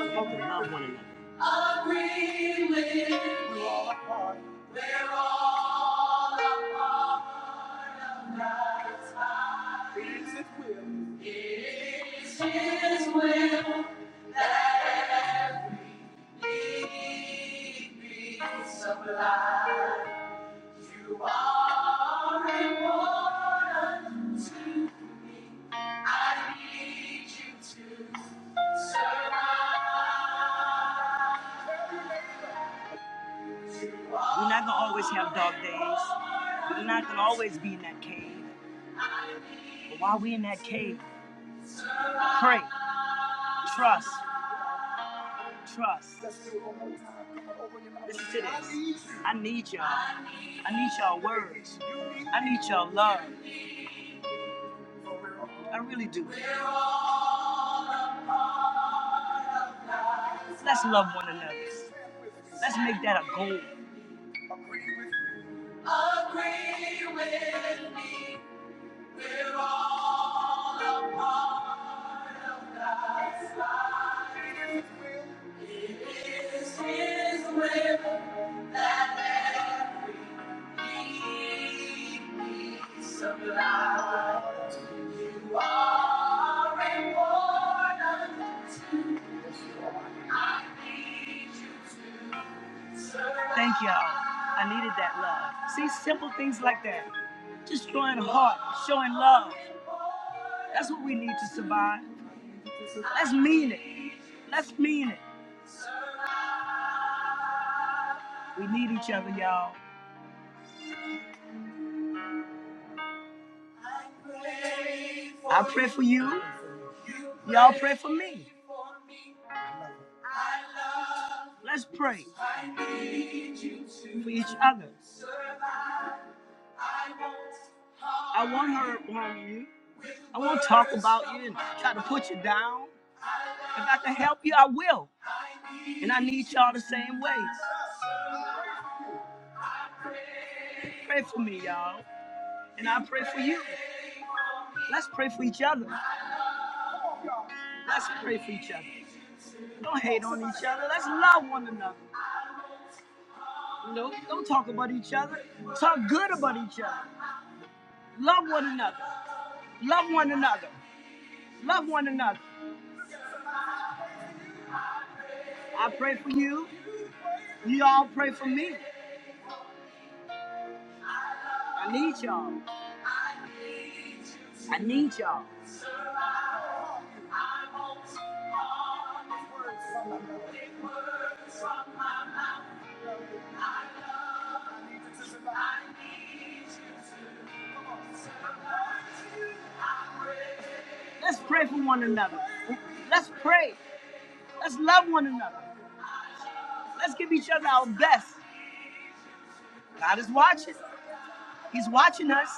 Speaker 4: We have to love one another. Agree with me. We're all apart. It's His will. Need be supplied. You are important. too. I need you to. serve. We're not gonna always have dark days. We're not gonna always be in that cave. But while we're in that cave, pray, trust, trust. Listen to this. I need y'all. I need y'all words. I need y'all love. I really do. Let's love one another. Let's make that a goal. Agree with me. We're all a part of God's life. It is His will that every need be supplied. You are important to I need you to survive. Thank y'all. I needed that love. See, simple things like that. Just showing heart, showing love. That's what we need to survive. Let's mean it. Let's mean it. We need each other, y'all. I pray for you. Y'all pray for me. Let's pray for each other. I won't hurt on, you. I won't talk about you and try to put you down. If I can help you, I will. And I need y'all the same way. Pray for me, y'all. And I pray for you. Let's pray for each other. Let's pray for each other. Don't hate on each other. Let's love one another. Nope. Don't talk about each other. Talk good about each other. Love one another. Love one another. Love one another. I pray for you. You all pray for me. I need y'all. I need y'all. Let's pray for one another. Let's pray. Let's love one another. Let's give each other our best. God is watching. He's watching us.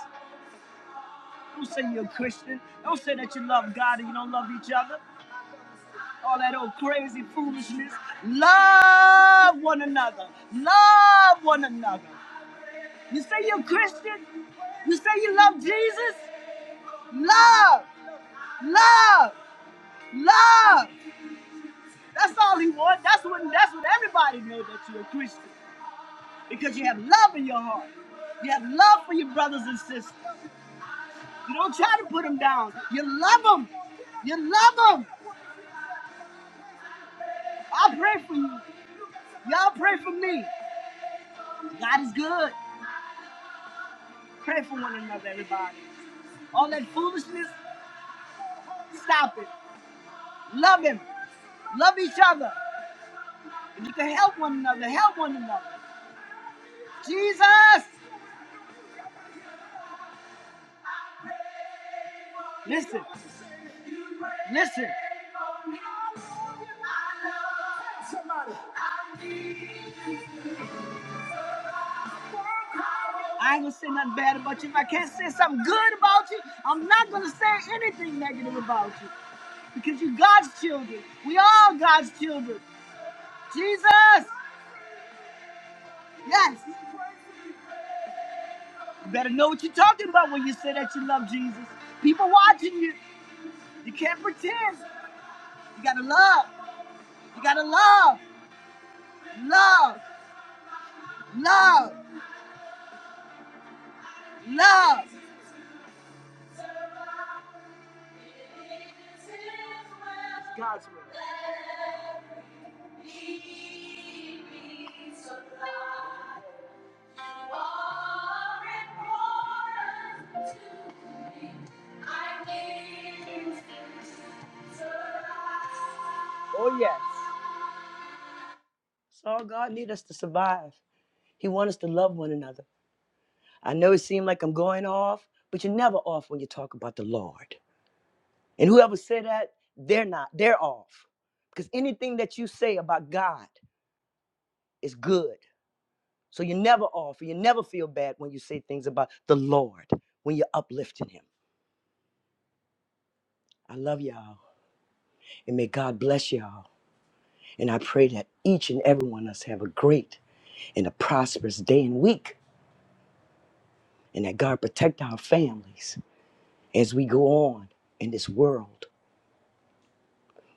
Speaker 4: Don't say you're a Christian. Don't say that you love God and you don't love each other. All that old crazy foolishness. Love one another. Love one another. You say you're a Christian? You say you love Jesus? Love, love, love. That's all he wants. That's what that's what everybody knows that you're a Christian. Because you have love in your heart. You have love for your brothers and sisters. You don't try to put them down. You love them. You love them. I pray for you. Y'all pray for me. God is good. Pray for one another, everybody. All that foolishness, stop it. Love Him. Love each other. If you can help one another, help one another. Jesus! Listen, listen. I ain't gonna say nothing bad about you. If I can't say something good about you, I'm not gonna say anything negative about you. Because you're God's children. We all God's children. Jesus! Yes. You better know what you're talking about when you say that you love Jesus. People watching you. You can't pretend. You gotta love. You gotta love. Love. Love. Love. It's God's word. Oh yes. All God need us to survive. He want us to love one another. I know it seemed like I'm going off, but you're never off when you talk about the Lord. And whoever said that, they're not. They're off. Because anything that you say about God is good. So you're never off. You never feel bad when you say things about the Lord, when you're uplifting him. I love y'all. And may God bless y'all. And I pray that each and every one of us have a great and a prosperous day and week. And that God protect our families as we go on in this world,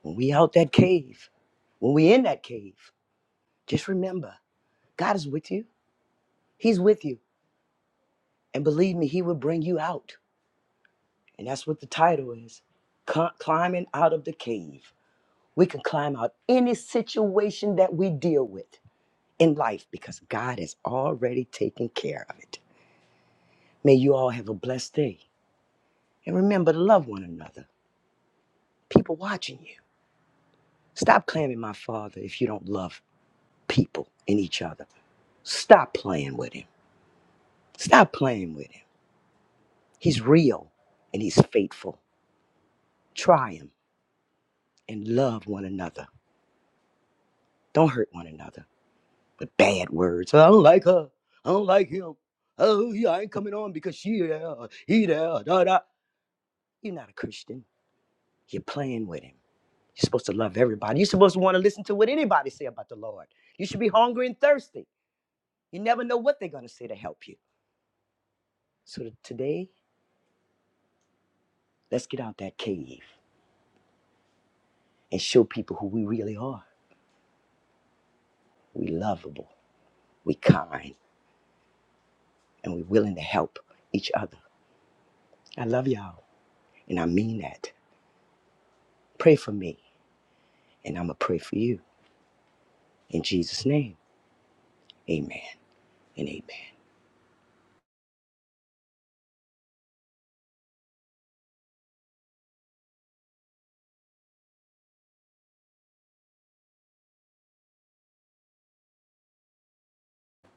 Speaker 4: when we out that cave, when we in that cave, just remember, God is with you. He's with you. And believe me, he will bring you out. And that's what the title is, Climbing Out of the Cave. We can climb out any situation that we deal with in life because God has already taken care of it. May you all have a blessed day. And remember to love one another. People watching you. Stop claiming my father if you don't love people and each other. Stop playing with him. Stop playing with him. He's real and he's faithful. Try him and love one another. Don't hurt one another with bad words. I don't like her. I don't like him. Oh, yeah, I ain't coming on because she there, he there, da da. You're not a Christian. You're playing with him. You're supposed to love everybody. You're supposed to want to listen to what anybody say about the Lord. You should be hungry and thirsty. You never know what they're going to say to help you. So t- today, let's get out that cave. and show people who we really are. We lovable, we kind, and we willing to help each other. I love y'all, and I mean that. Pray for me, and I'm gonna pray for you. In Jesus' name, amen and amen.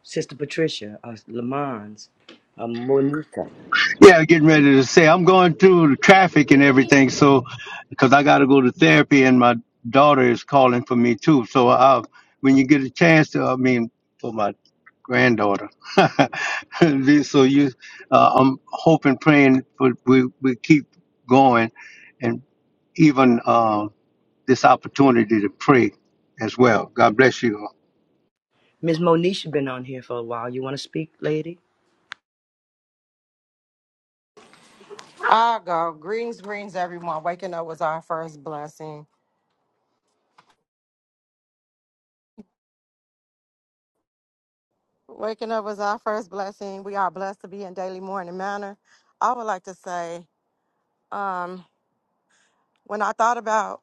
Speaker 4: Sister Patricia, uh, Lamons, uh, Monica.
Speaker 1: Yeah, getting ready to say I'm going through the traffic and everything, so because I got to go to therapy, and my daughter is calling for me too. So uh, when you get a chance to, I mean, for my granddaughter. so you, uh, I'm hoping, praying, but we we keep going, and even. um, this opportunity to pray as well. God bless you all.
Speaker 4: Ms. Monisha been on here for a while. You want to speak, lady?
Speaker 6: I go. Greens, greens, everyone. Waking up was our first blessing. Waking up was our first blessing. We are blessed to be in daily morning manner. I would like to say, um, when I thought about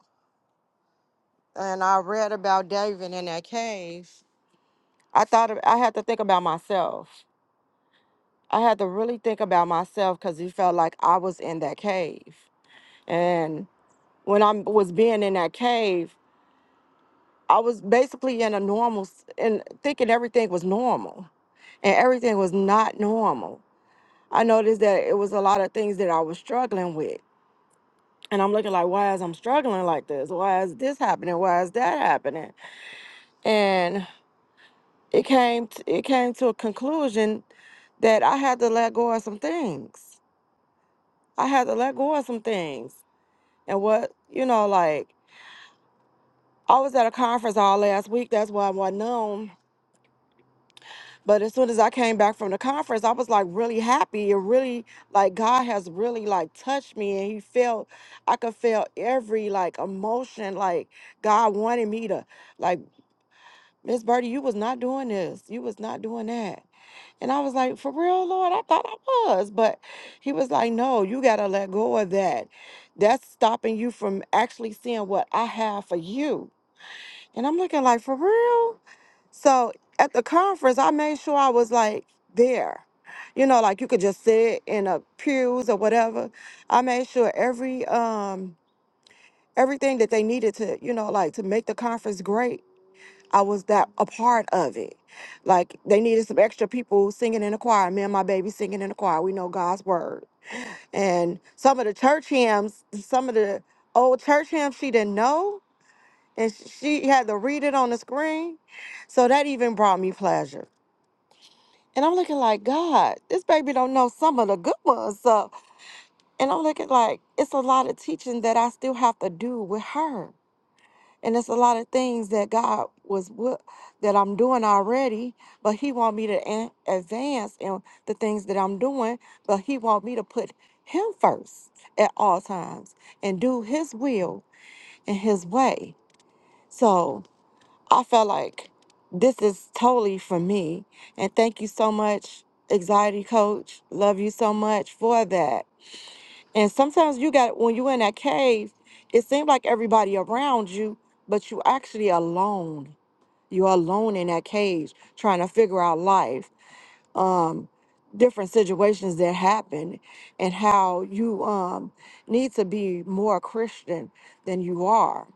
Speaker 6: and I read about David in that cave, I thought I had to think about myself. I had to really think about myself because he felt like I was in that cave. And when I was being in that cave, I was basically in a normal, s- and thinking everything was normal and everything was not normal. I noticed that it was a lot of things that I was struggling with. And I'm looking like, why is I'm struggling like this? Why is this happening? Why is that happening? And it came t- it came to a conclusion that I had to let go of some things. I had to let go of some things. And what, you know, like I was at a conference all last week. That's why I wasn't on. But as soon as I came back from the conference, I was like really happy and really like God has really like touched me and he felt I could feel every like emotion like God wanted me to like Miss Birdie, you was not doing this. You was not doing that. And I was like, for real, Lord, I thought I was. But he was like, no, you gotta let go of that. That's stopping you from actually seeing what I have for you. And I'm looking like, for real? So at the conference, I made sure I was like there. You know, like you could just sit in a pews or whatever. I made sure every um everything that they needed to, you know, like to make the conference great, I was that a part of it. Like they needed some extra people singing in the choir. Me and my baby singing in the choir. We know God's word. And some of the church hymns, some of the old church hymns she didn't know, and she had to read it on the screen. So that even brought me pleasure. And I'm looking like, God, this baby don't know some of the good ones. So, and I'm looking like it's a lot of teaching that I still have to do with her. And it's a lot of things that God was wi- that I'm doing already, but He want me to an- advance in the things that I'm doing, but He want me to put Him first at all times and do His will and His way. So I felt like this is totally for me. And thank you so much, anxiety coach. Love you so much for that. And sometimes you got when you're in that cave, it seems like everybody around you, but you actually alone. You're alone in that cage trying to figure out life um, different situations that happen and how you um, need to be more Christian than you are.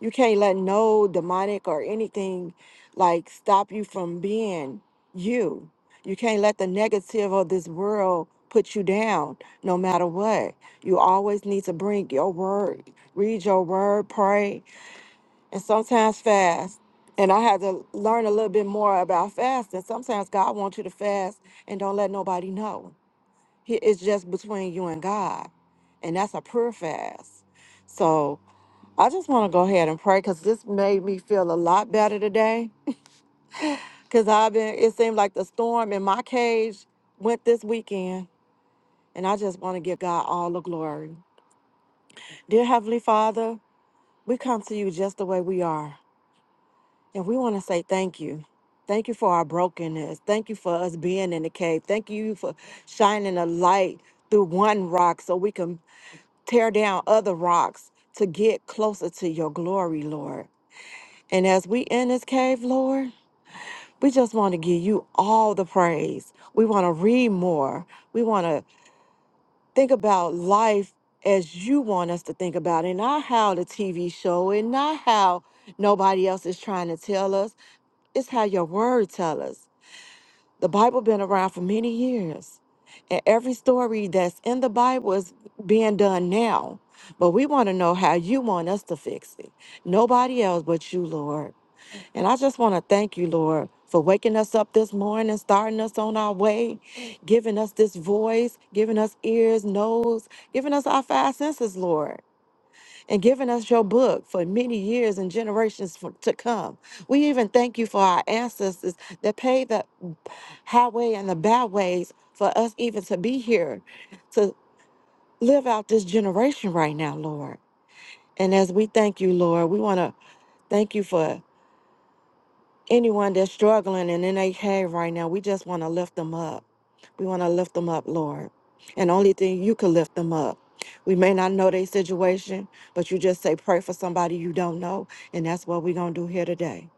Speaker 6: You can't let no demonic or anything like stop you from being you. You can't let the negative of this world put you down no matter what. You always need to bring your word, read your word, pray, and sometimes fast. And I had to learn a little bit more about fasting. Sometimes God wants you to fast and don't let nobody know. He- It's just between you and God. And that's a prayer fast. So I just want to go ahead and pray because this made me feel a lot better today. Because I've been, it seemed like the storm in my cage went this weekend. And I just want to give God all the glory. Dear Heavenly Father, we come to you just the way we are. And we want to say thank you. Thank you for our brokenness. Thank you for us being in the cave. Thank you for shining a light through one rock so we can tear down other rocks to get closer to your glory, Lord. And as we in this cave, Lord, we just want to give you all the praise. We want to read more. We want to think about life as you want us to think about it, not how the TV show and not how nobody else is trying to tell us. It's how your word tell us. The Bible been around for many years. And every story that's in the Bible is being done now. But we want to know how you want us to fix it. Nobody else but you, Lord. And I just want to thank you, Lord, for waking us up this morning, starting us on our way, giving us this voice, giving us ears, nose, giving us our five senses, Lord and giving us your book for many years and generations for, to come. We even thank you for our ancestors that paved the highway and the byways for us even to be here to live out this generation right now, Lord. And as we thank you, Lord, we want to thank you for anyone that's struggling and in a cave right now, we just want to lift them up. We want to lift them up, Lord. And only thing you can lift them up. We may not know their situation, but you just say, pray for somebody you don't know. And that's what we're going to do here today.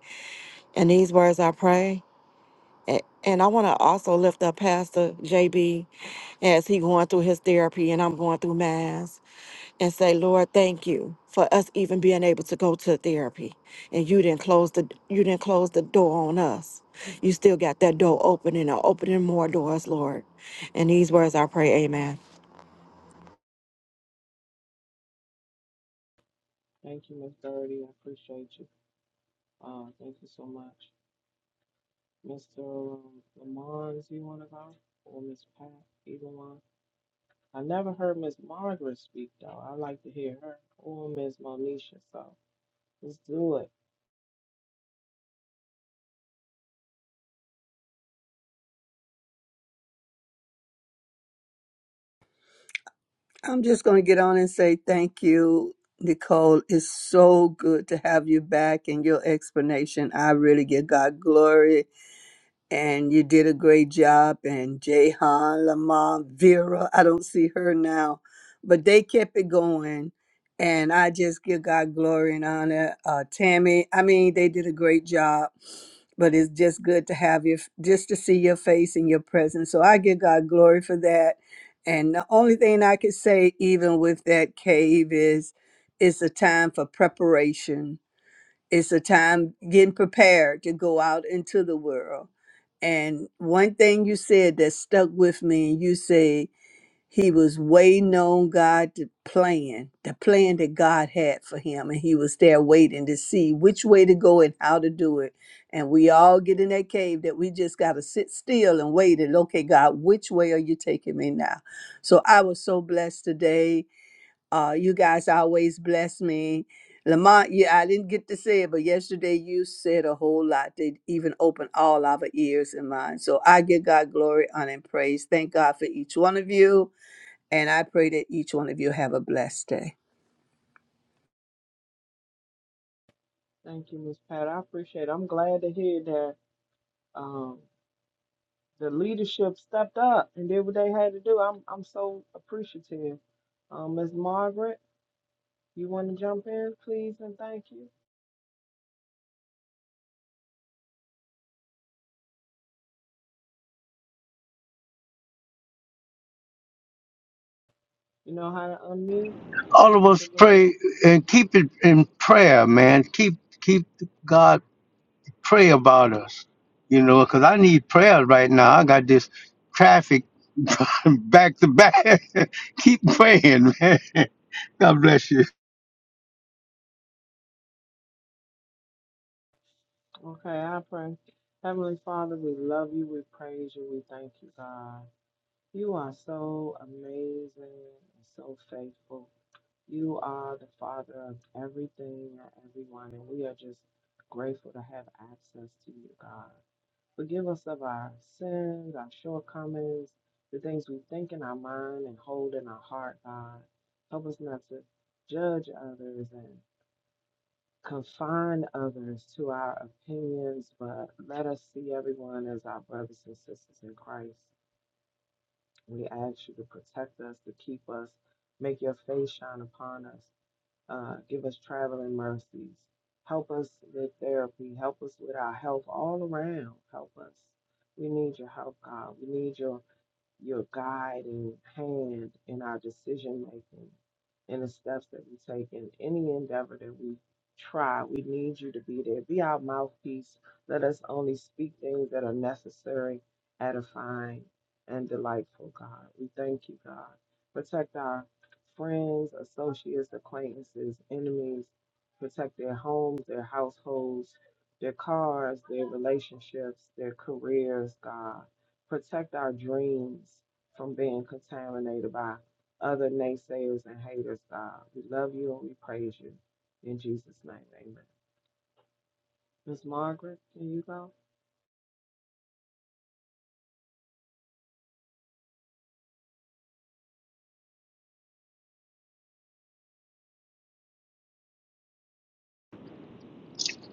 Speaker 6: And these words I pray. A- And I want to also lift up Pastor JB as he going through his therapy and I'm going through mine and say, Lord, thank you for us even being able to go to therapy. And you didn't close the you didn't close the door on us. You still got that door open and are opening more doors, Lord. In these words I pray, Amen.
Speaker 3: Thank you, Miss Birdie. I appreciate you. Uh, thank you so much. Mr. Lamont, you want to go? Or Miss Pat, either one. I never heard Miss Margaret speak though. I like to hear her or Miss Monisha. So let's do it.
Speaker 5: I'm just going to get on and say thank you, Nicole. It's so good to have you back and your explanation. I really give God glory. and you did a great job. And Jehan, Lamont, Vera, I don't see her now, but they kept it going. And I just give God glory and honor. Uh, Tammy, I mean, they did a great job, but it's just good to have you, just to see your face and your presence. So I give God glory for that. And the only thing I could say, even with that cave, is it's a time for preparation it's a time getting prepared to go out into the world. And one thing you said that stuck with me, you say he was waiting on God to plan, the plan that God had for him. And he was there waiting to see which way to go and how to do it. And we all get in that cave that we just got to sit still and wait and, okay, God, which way are you taking me now? So I was so blessed today uh, you guys always bless me. Lamont, yeah, I didn't get to say it, but yesterday you said a whole lot They even opened all our ears and minds. So I give God glory, honor, and praise. Thank God for each one of you. And I pray that each one of you have a blessed day.
Speaker 3: Thank you, Miss Pat. I appreciate it. I'm glad to hear that um, the leadership stepped up and did what they had to do. I'm I'm so appreciative. Um, Miss Margaret, you want to jump in, please, and thank you. You know how to unmute.
Speaker 1: All of
Speaker 3: It's the
Speaker 1: us
Speaker 3: little
Speaker 1: pray and keep it in prayer, man. Keep keep God pray about us, you know, because I need prayer right now. I got this traffic back to back. keep praying, man. God bless you.
Speaker 3: Okay, I pray. Heavenly Father, we love you, we praise you, we thank you, God. You are so amazing and so faithful. You are the Father of everything and everyone, and we are just grateful to have access to you, God. Forgive us of our sins, our shortcomings, the things we think in our mind and hold in our heart, God. Help us not to judge others and confine others to our opinions, but let us see everyone as our brothers and sisters in Christ. We ask you to protect us, to keep us, make your face shine upon us, uh, give us traveling mercies, help us with therapy, help us with our health all around, help us. We need your help, God. We need your your guiding hand in our decision making, in the steps that we take, in any endeavor that we try. We need you to be there. Be our mouthpiece. Let us only speak things that are necessary, edifying, and delightful, God. We thank you, God. Protect our friends, associates, acquaintances, enemies. Protect their homes, their households, their cars, their relationships, their careers, God protect our dreams from being contaminated by other naysayers and haters, God. We love you and we praise you. In Jesus' name, amen. Miss Margaret, can you go?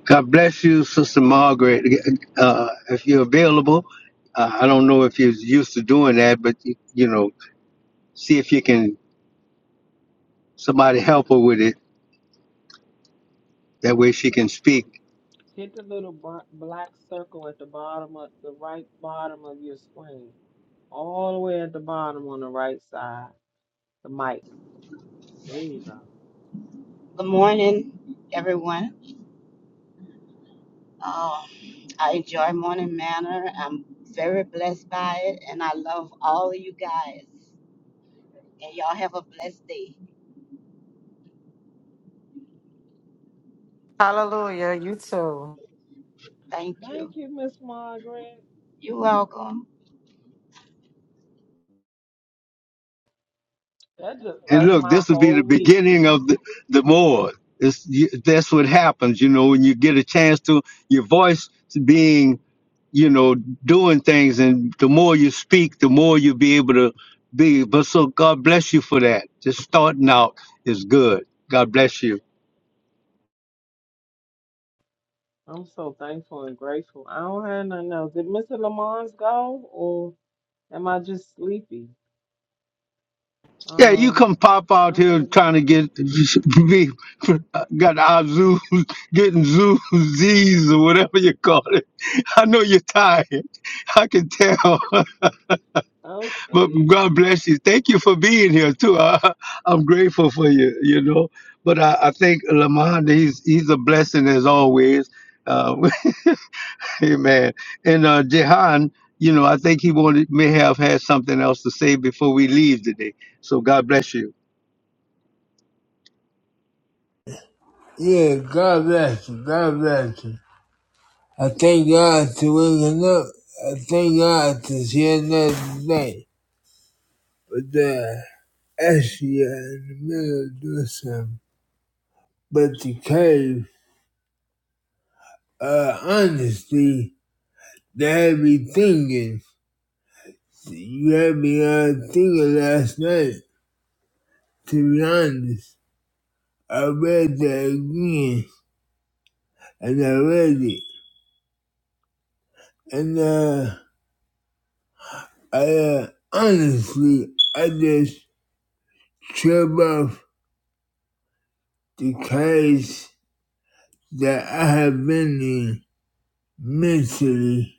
Speaker 1: God bless you, Sister Margaret. Uh, if you're available, uh, I don't know if you're used to doing that, but you know, see if you can somebody help her with it. That way she can speak.
Speaker 3: Hit the little br- black circle at the bottom of the right bottom of your screen, all the way at the bottom on the right side, the mic. There you go.
Speaker 7: Good morning, everyone. Um, I enjoy Morning Manor. I'm very blessed by it, and I love all of you guys. And y'all have a blessed day.
Speaker 6: Hallelujah.
Speaker 7: Thank you.
Speaker 3: Thank you, Miss Margaret.
Speaker 7: You're welcome.
Speaker 3: That just
Speaker 1: And
Speaker 3: blessed
Speaker 1: look,
Speaker 3: my
Speaker 1: this would be the
Speaker 3: whole week.
Speaker 1: beginning of the, the more. It's, you, that's what happens, you know, when you get a chance to your voice being, you know, doing things. And the more you speak, the more you'll be able to be. But so God bless you for that. Just starting out is good. God bless you.
Speaker 3: I'm so thankful and grateful. I don't have nothing else. Did Mr. Lamont's go or? Am I just sleepy?
Speaker 1: Yeah, you
Speaker 3: Um,
Speaker 1: come pop out
Speaker 3: I don't
Speaker 1: here trying to
Speaker 3: remember.
Speaker 1: get be got our zoo getting zoo Z's or whatever you call it. I know you're tired. I can tell.
Speaker 3: I'm
Speaker 1: But God
Speaker 3: sleepy.
Speaker 1: bless you. Thank you for being here too. I, I'm grateful for you. You know, but I, I think Lamond, he's he's a blessing as always. Uh, amen. And uh, Jehan, you know, I think he wanted may have had something else to say before we leave today. So God bless you.
Speaker 2: Yeah, God bless you. God bless you. I thank God to waking up. I thank God to see another day. But uh actually uh, in the middle of doing something. But the cave, uh honestly, the heavy thinking. You had me on thinking last night, to be honest. I read that again, and I read it. And uh, I uh, honestly, I just trip off the case that I have been in mentally.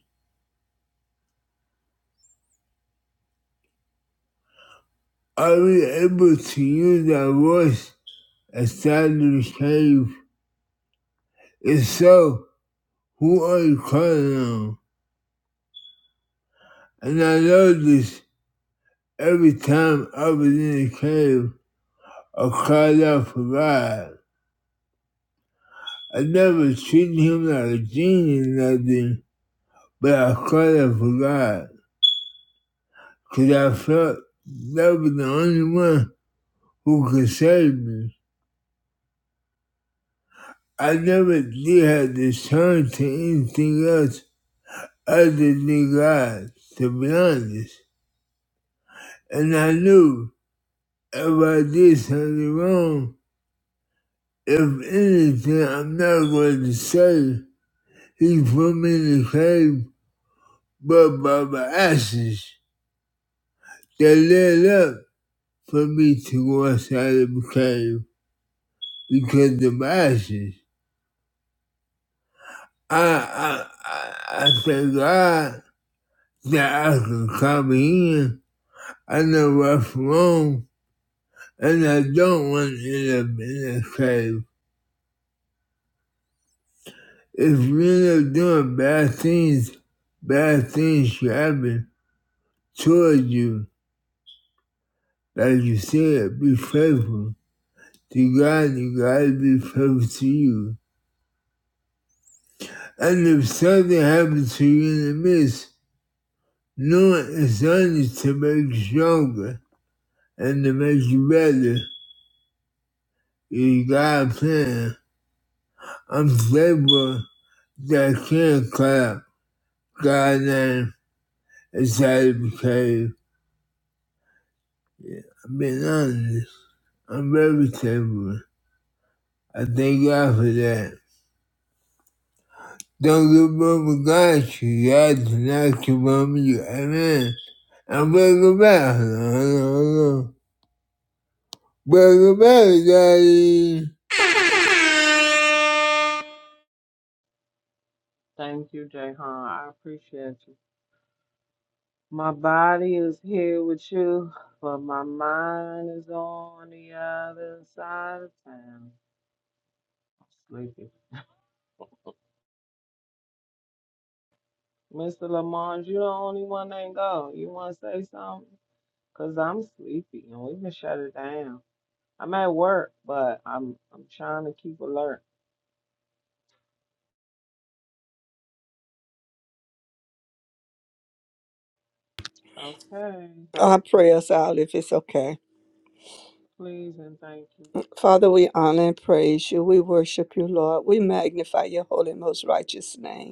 Speaker 2: Are we able to use our voice outside of the cave? If so, who are you calling on? And I know this every time I was in the cave. I cried out for God. I never treated him like a genie or nothing, but I cried out for God because I felt that was the only one who could save me. I never did have to turn to anything else other than God, to be honest. And I knew if I did something wrong, if anything, I'm not going to say he put me in the cave, but by my ashes. They lit up for me to go outside and cave because of my actions. I, I, I, I thank God that I can come here. I know what's wrong, and I don't want to end up in a cave. If you end up doing bad things, bad things should happen towards you. Like you said, be faithful to God, and God be faithful to you. And if something happens to you in the midst, No, it's only to make you stronger and to make you better. You got a plan. I'm stable that I can't clap. God name inside of the cave. Yeah, I'm being honest. I'm very stable. I thank God for that. Don't give up on God. You God to not give up on you. Amen. I'm welcome back. Hold on, hold on, hold on. Welcome back, Daddy.
Speaker 3: Thank you, Jayhan. I appreciate you. My body is here with you, but my mind is on the other side of town. I'm sleepy. Mr. Lamont, you the only one that ain't go. You want to say something? Cause I'm sleepy and we can shut it down. I'm at work, but I'm I'm trying to keep alert. Okay,
Speaker 5: I pray us out if it's okay.
Speaker 3: please and thank you.
Speaker 5: Father, we honor and praise you. We worship you, Lord. We magnify your holy, most righteous name.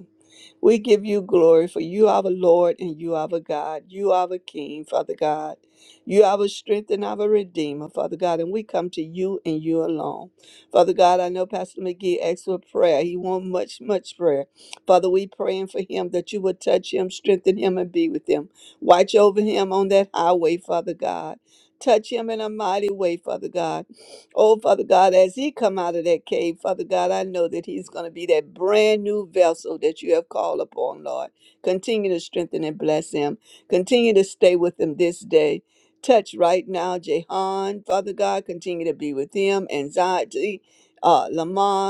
Speaker 5: We give you glory for you are the Lord and you are the God. You are the King, Father God. You are the strength and our Redeemer, Father God. And we come to you and you alone. Father God, I know Pastor McGee asked for prayer. He wants much, much prayer. Father, we praying for him that you would touch him, strengthen him, and be with him. Watch over him on that highway, Father God. Touch him in a mighty way, Father God. Oh, Father God, as he come out of that cave, Father God, I know that he's going to be that brand new vessel that you have called upon, Lord. Continue to strengthen and bless him. Continue to stay with him this day. Touch right now, Jehan, Father God. Continue to be with him, anxiety, uh, Lamont.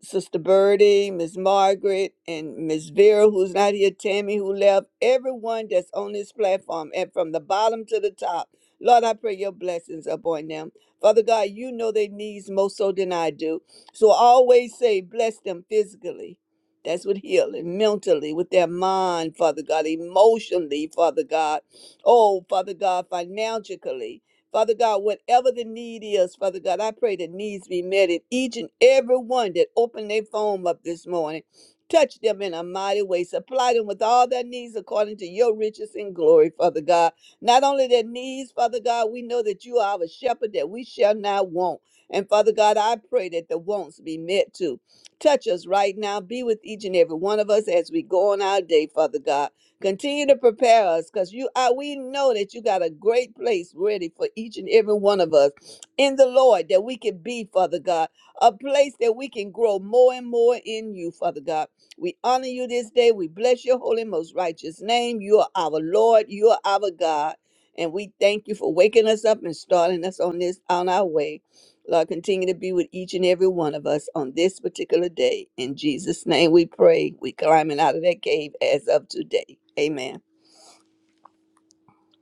Speaker 5: Sister Birdie, Miss Margaret, and Miss Vera, who's not here, Tammy, who left, everyone that's on this platform, and from the bottom to the top. Lord, I pray your blessings upon them. Father God, you know their needs more so than I do. So I always say, bless them physically. That's what healing, mentally, with their mind, Father God, emotionally, Father God. Oh, Father God, financially. Father God, whatever the need is, Father God, I pray that needs be met in each and every one that opened their phone up this morning. Touch them in a mighty way. Supply them with all their needs according to your riches and glory, Father God. Not only their needs, Father God, we know that you are our shepherd that we shall not want. And Father God, I pray that the wants be met too. Touch us right now. Be with each and every one of us as we go on our day, Father God. Continue to prepare us because you are we know that you got a great place ready for each and every one of us in the Lord that we can be, Father God, a place that we can grow more and more in you, Father God. We honor you this day. We bless your holy, most righteous name. You are our Lord. You are our God. And we thank you for waking us up and starting us on this on our way. Lord, continue to be with each and every one of us on this particular day. In Jesus' name we pray. We climbing out of that cave as of today. Amen.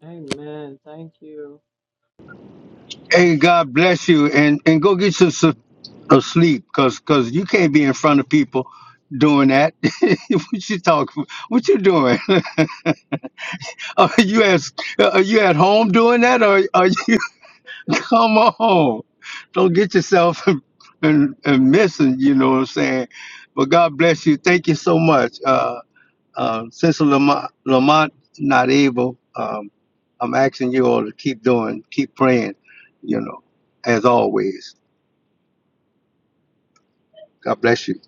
Speaker 3: Amen. Thank you.
Speaker 1: Hey, God bless you, and and go get you some of sleep because because you can't be in front of people doing that what you talking what you doing Are you at are you at home doing that, or are you? Come on, don't get yourself and, and missing. You know what I'm saying? But God bless you. Thank you so much, uh, uh, Sister Lamont. Lamont, not able. Um, I'm asking you all to keep doing, keep praying. You know, as always. God bless you.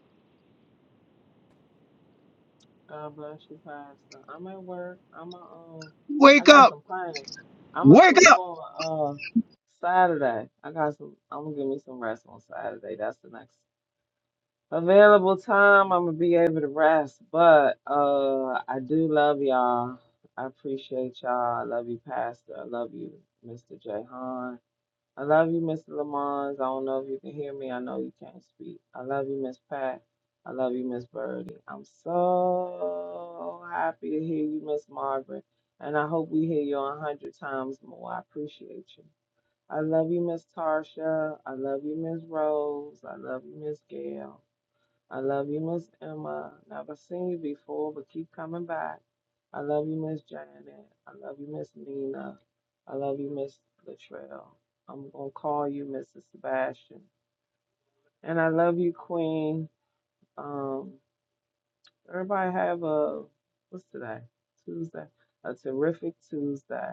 Speaker 3: God bless you, Pastor. I'm at work. I'm a, um, I
Speaker 1: Wake
Speaker 3: got
Speaker 1: up!
Speaker 3: some plans. I'm gonna
Speaker 1: Wake
Speaker 3: sleep on uh Saturday. I got some. I'm gonna give me some rest on Saturday. That's the next available time. I'm gonna be able to rest. But uh, I do love y'all. I appreciate y'all. I love you, Pastor. I love you, Mr. Jahan. I love you, Mr. Lamont. I don't know if you can hear me. I know you can't speak. I love you, Miss Pat. I love you, Miss Birdie. I'm so happy to hear you, Miss Margaret. And I hope we hear you a hundred times more. I appreciate you. I love you, Miss Tarsha. I love you, Miss Rose. I love you, Miss Gail. I love you, Miss Emma. Never seen you before, but keep coming back. I love you, Miss Janet. I love you, Miss Nina. I love you, Miss Latrell. I'm gonna call you Mrs. Sebastian. And I love you, Queen. Um, everybody have a what's today? Tuesday. A terrific Tuesday.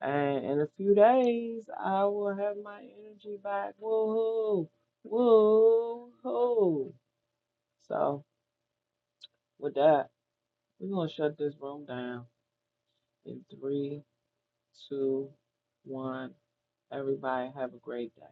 Speaker 3: And in a few days, I will have my energy back. Woo hoo! Woo hoo! So with that. We're gonna shut this room down in three, two, one. Everybody have a great day.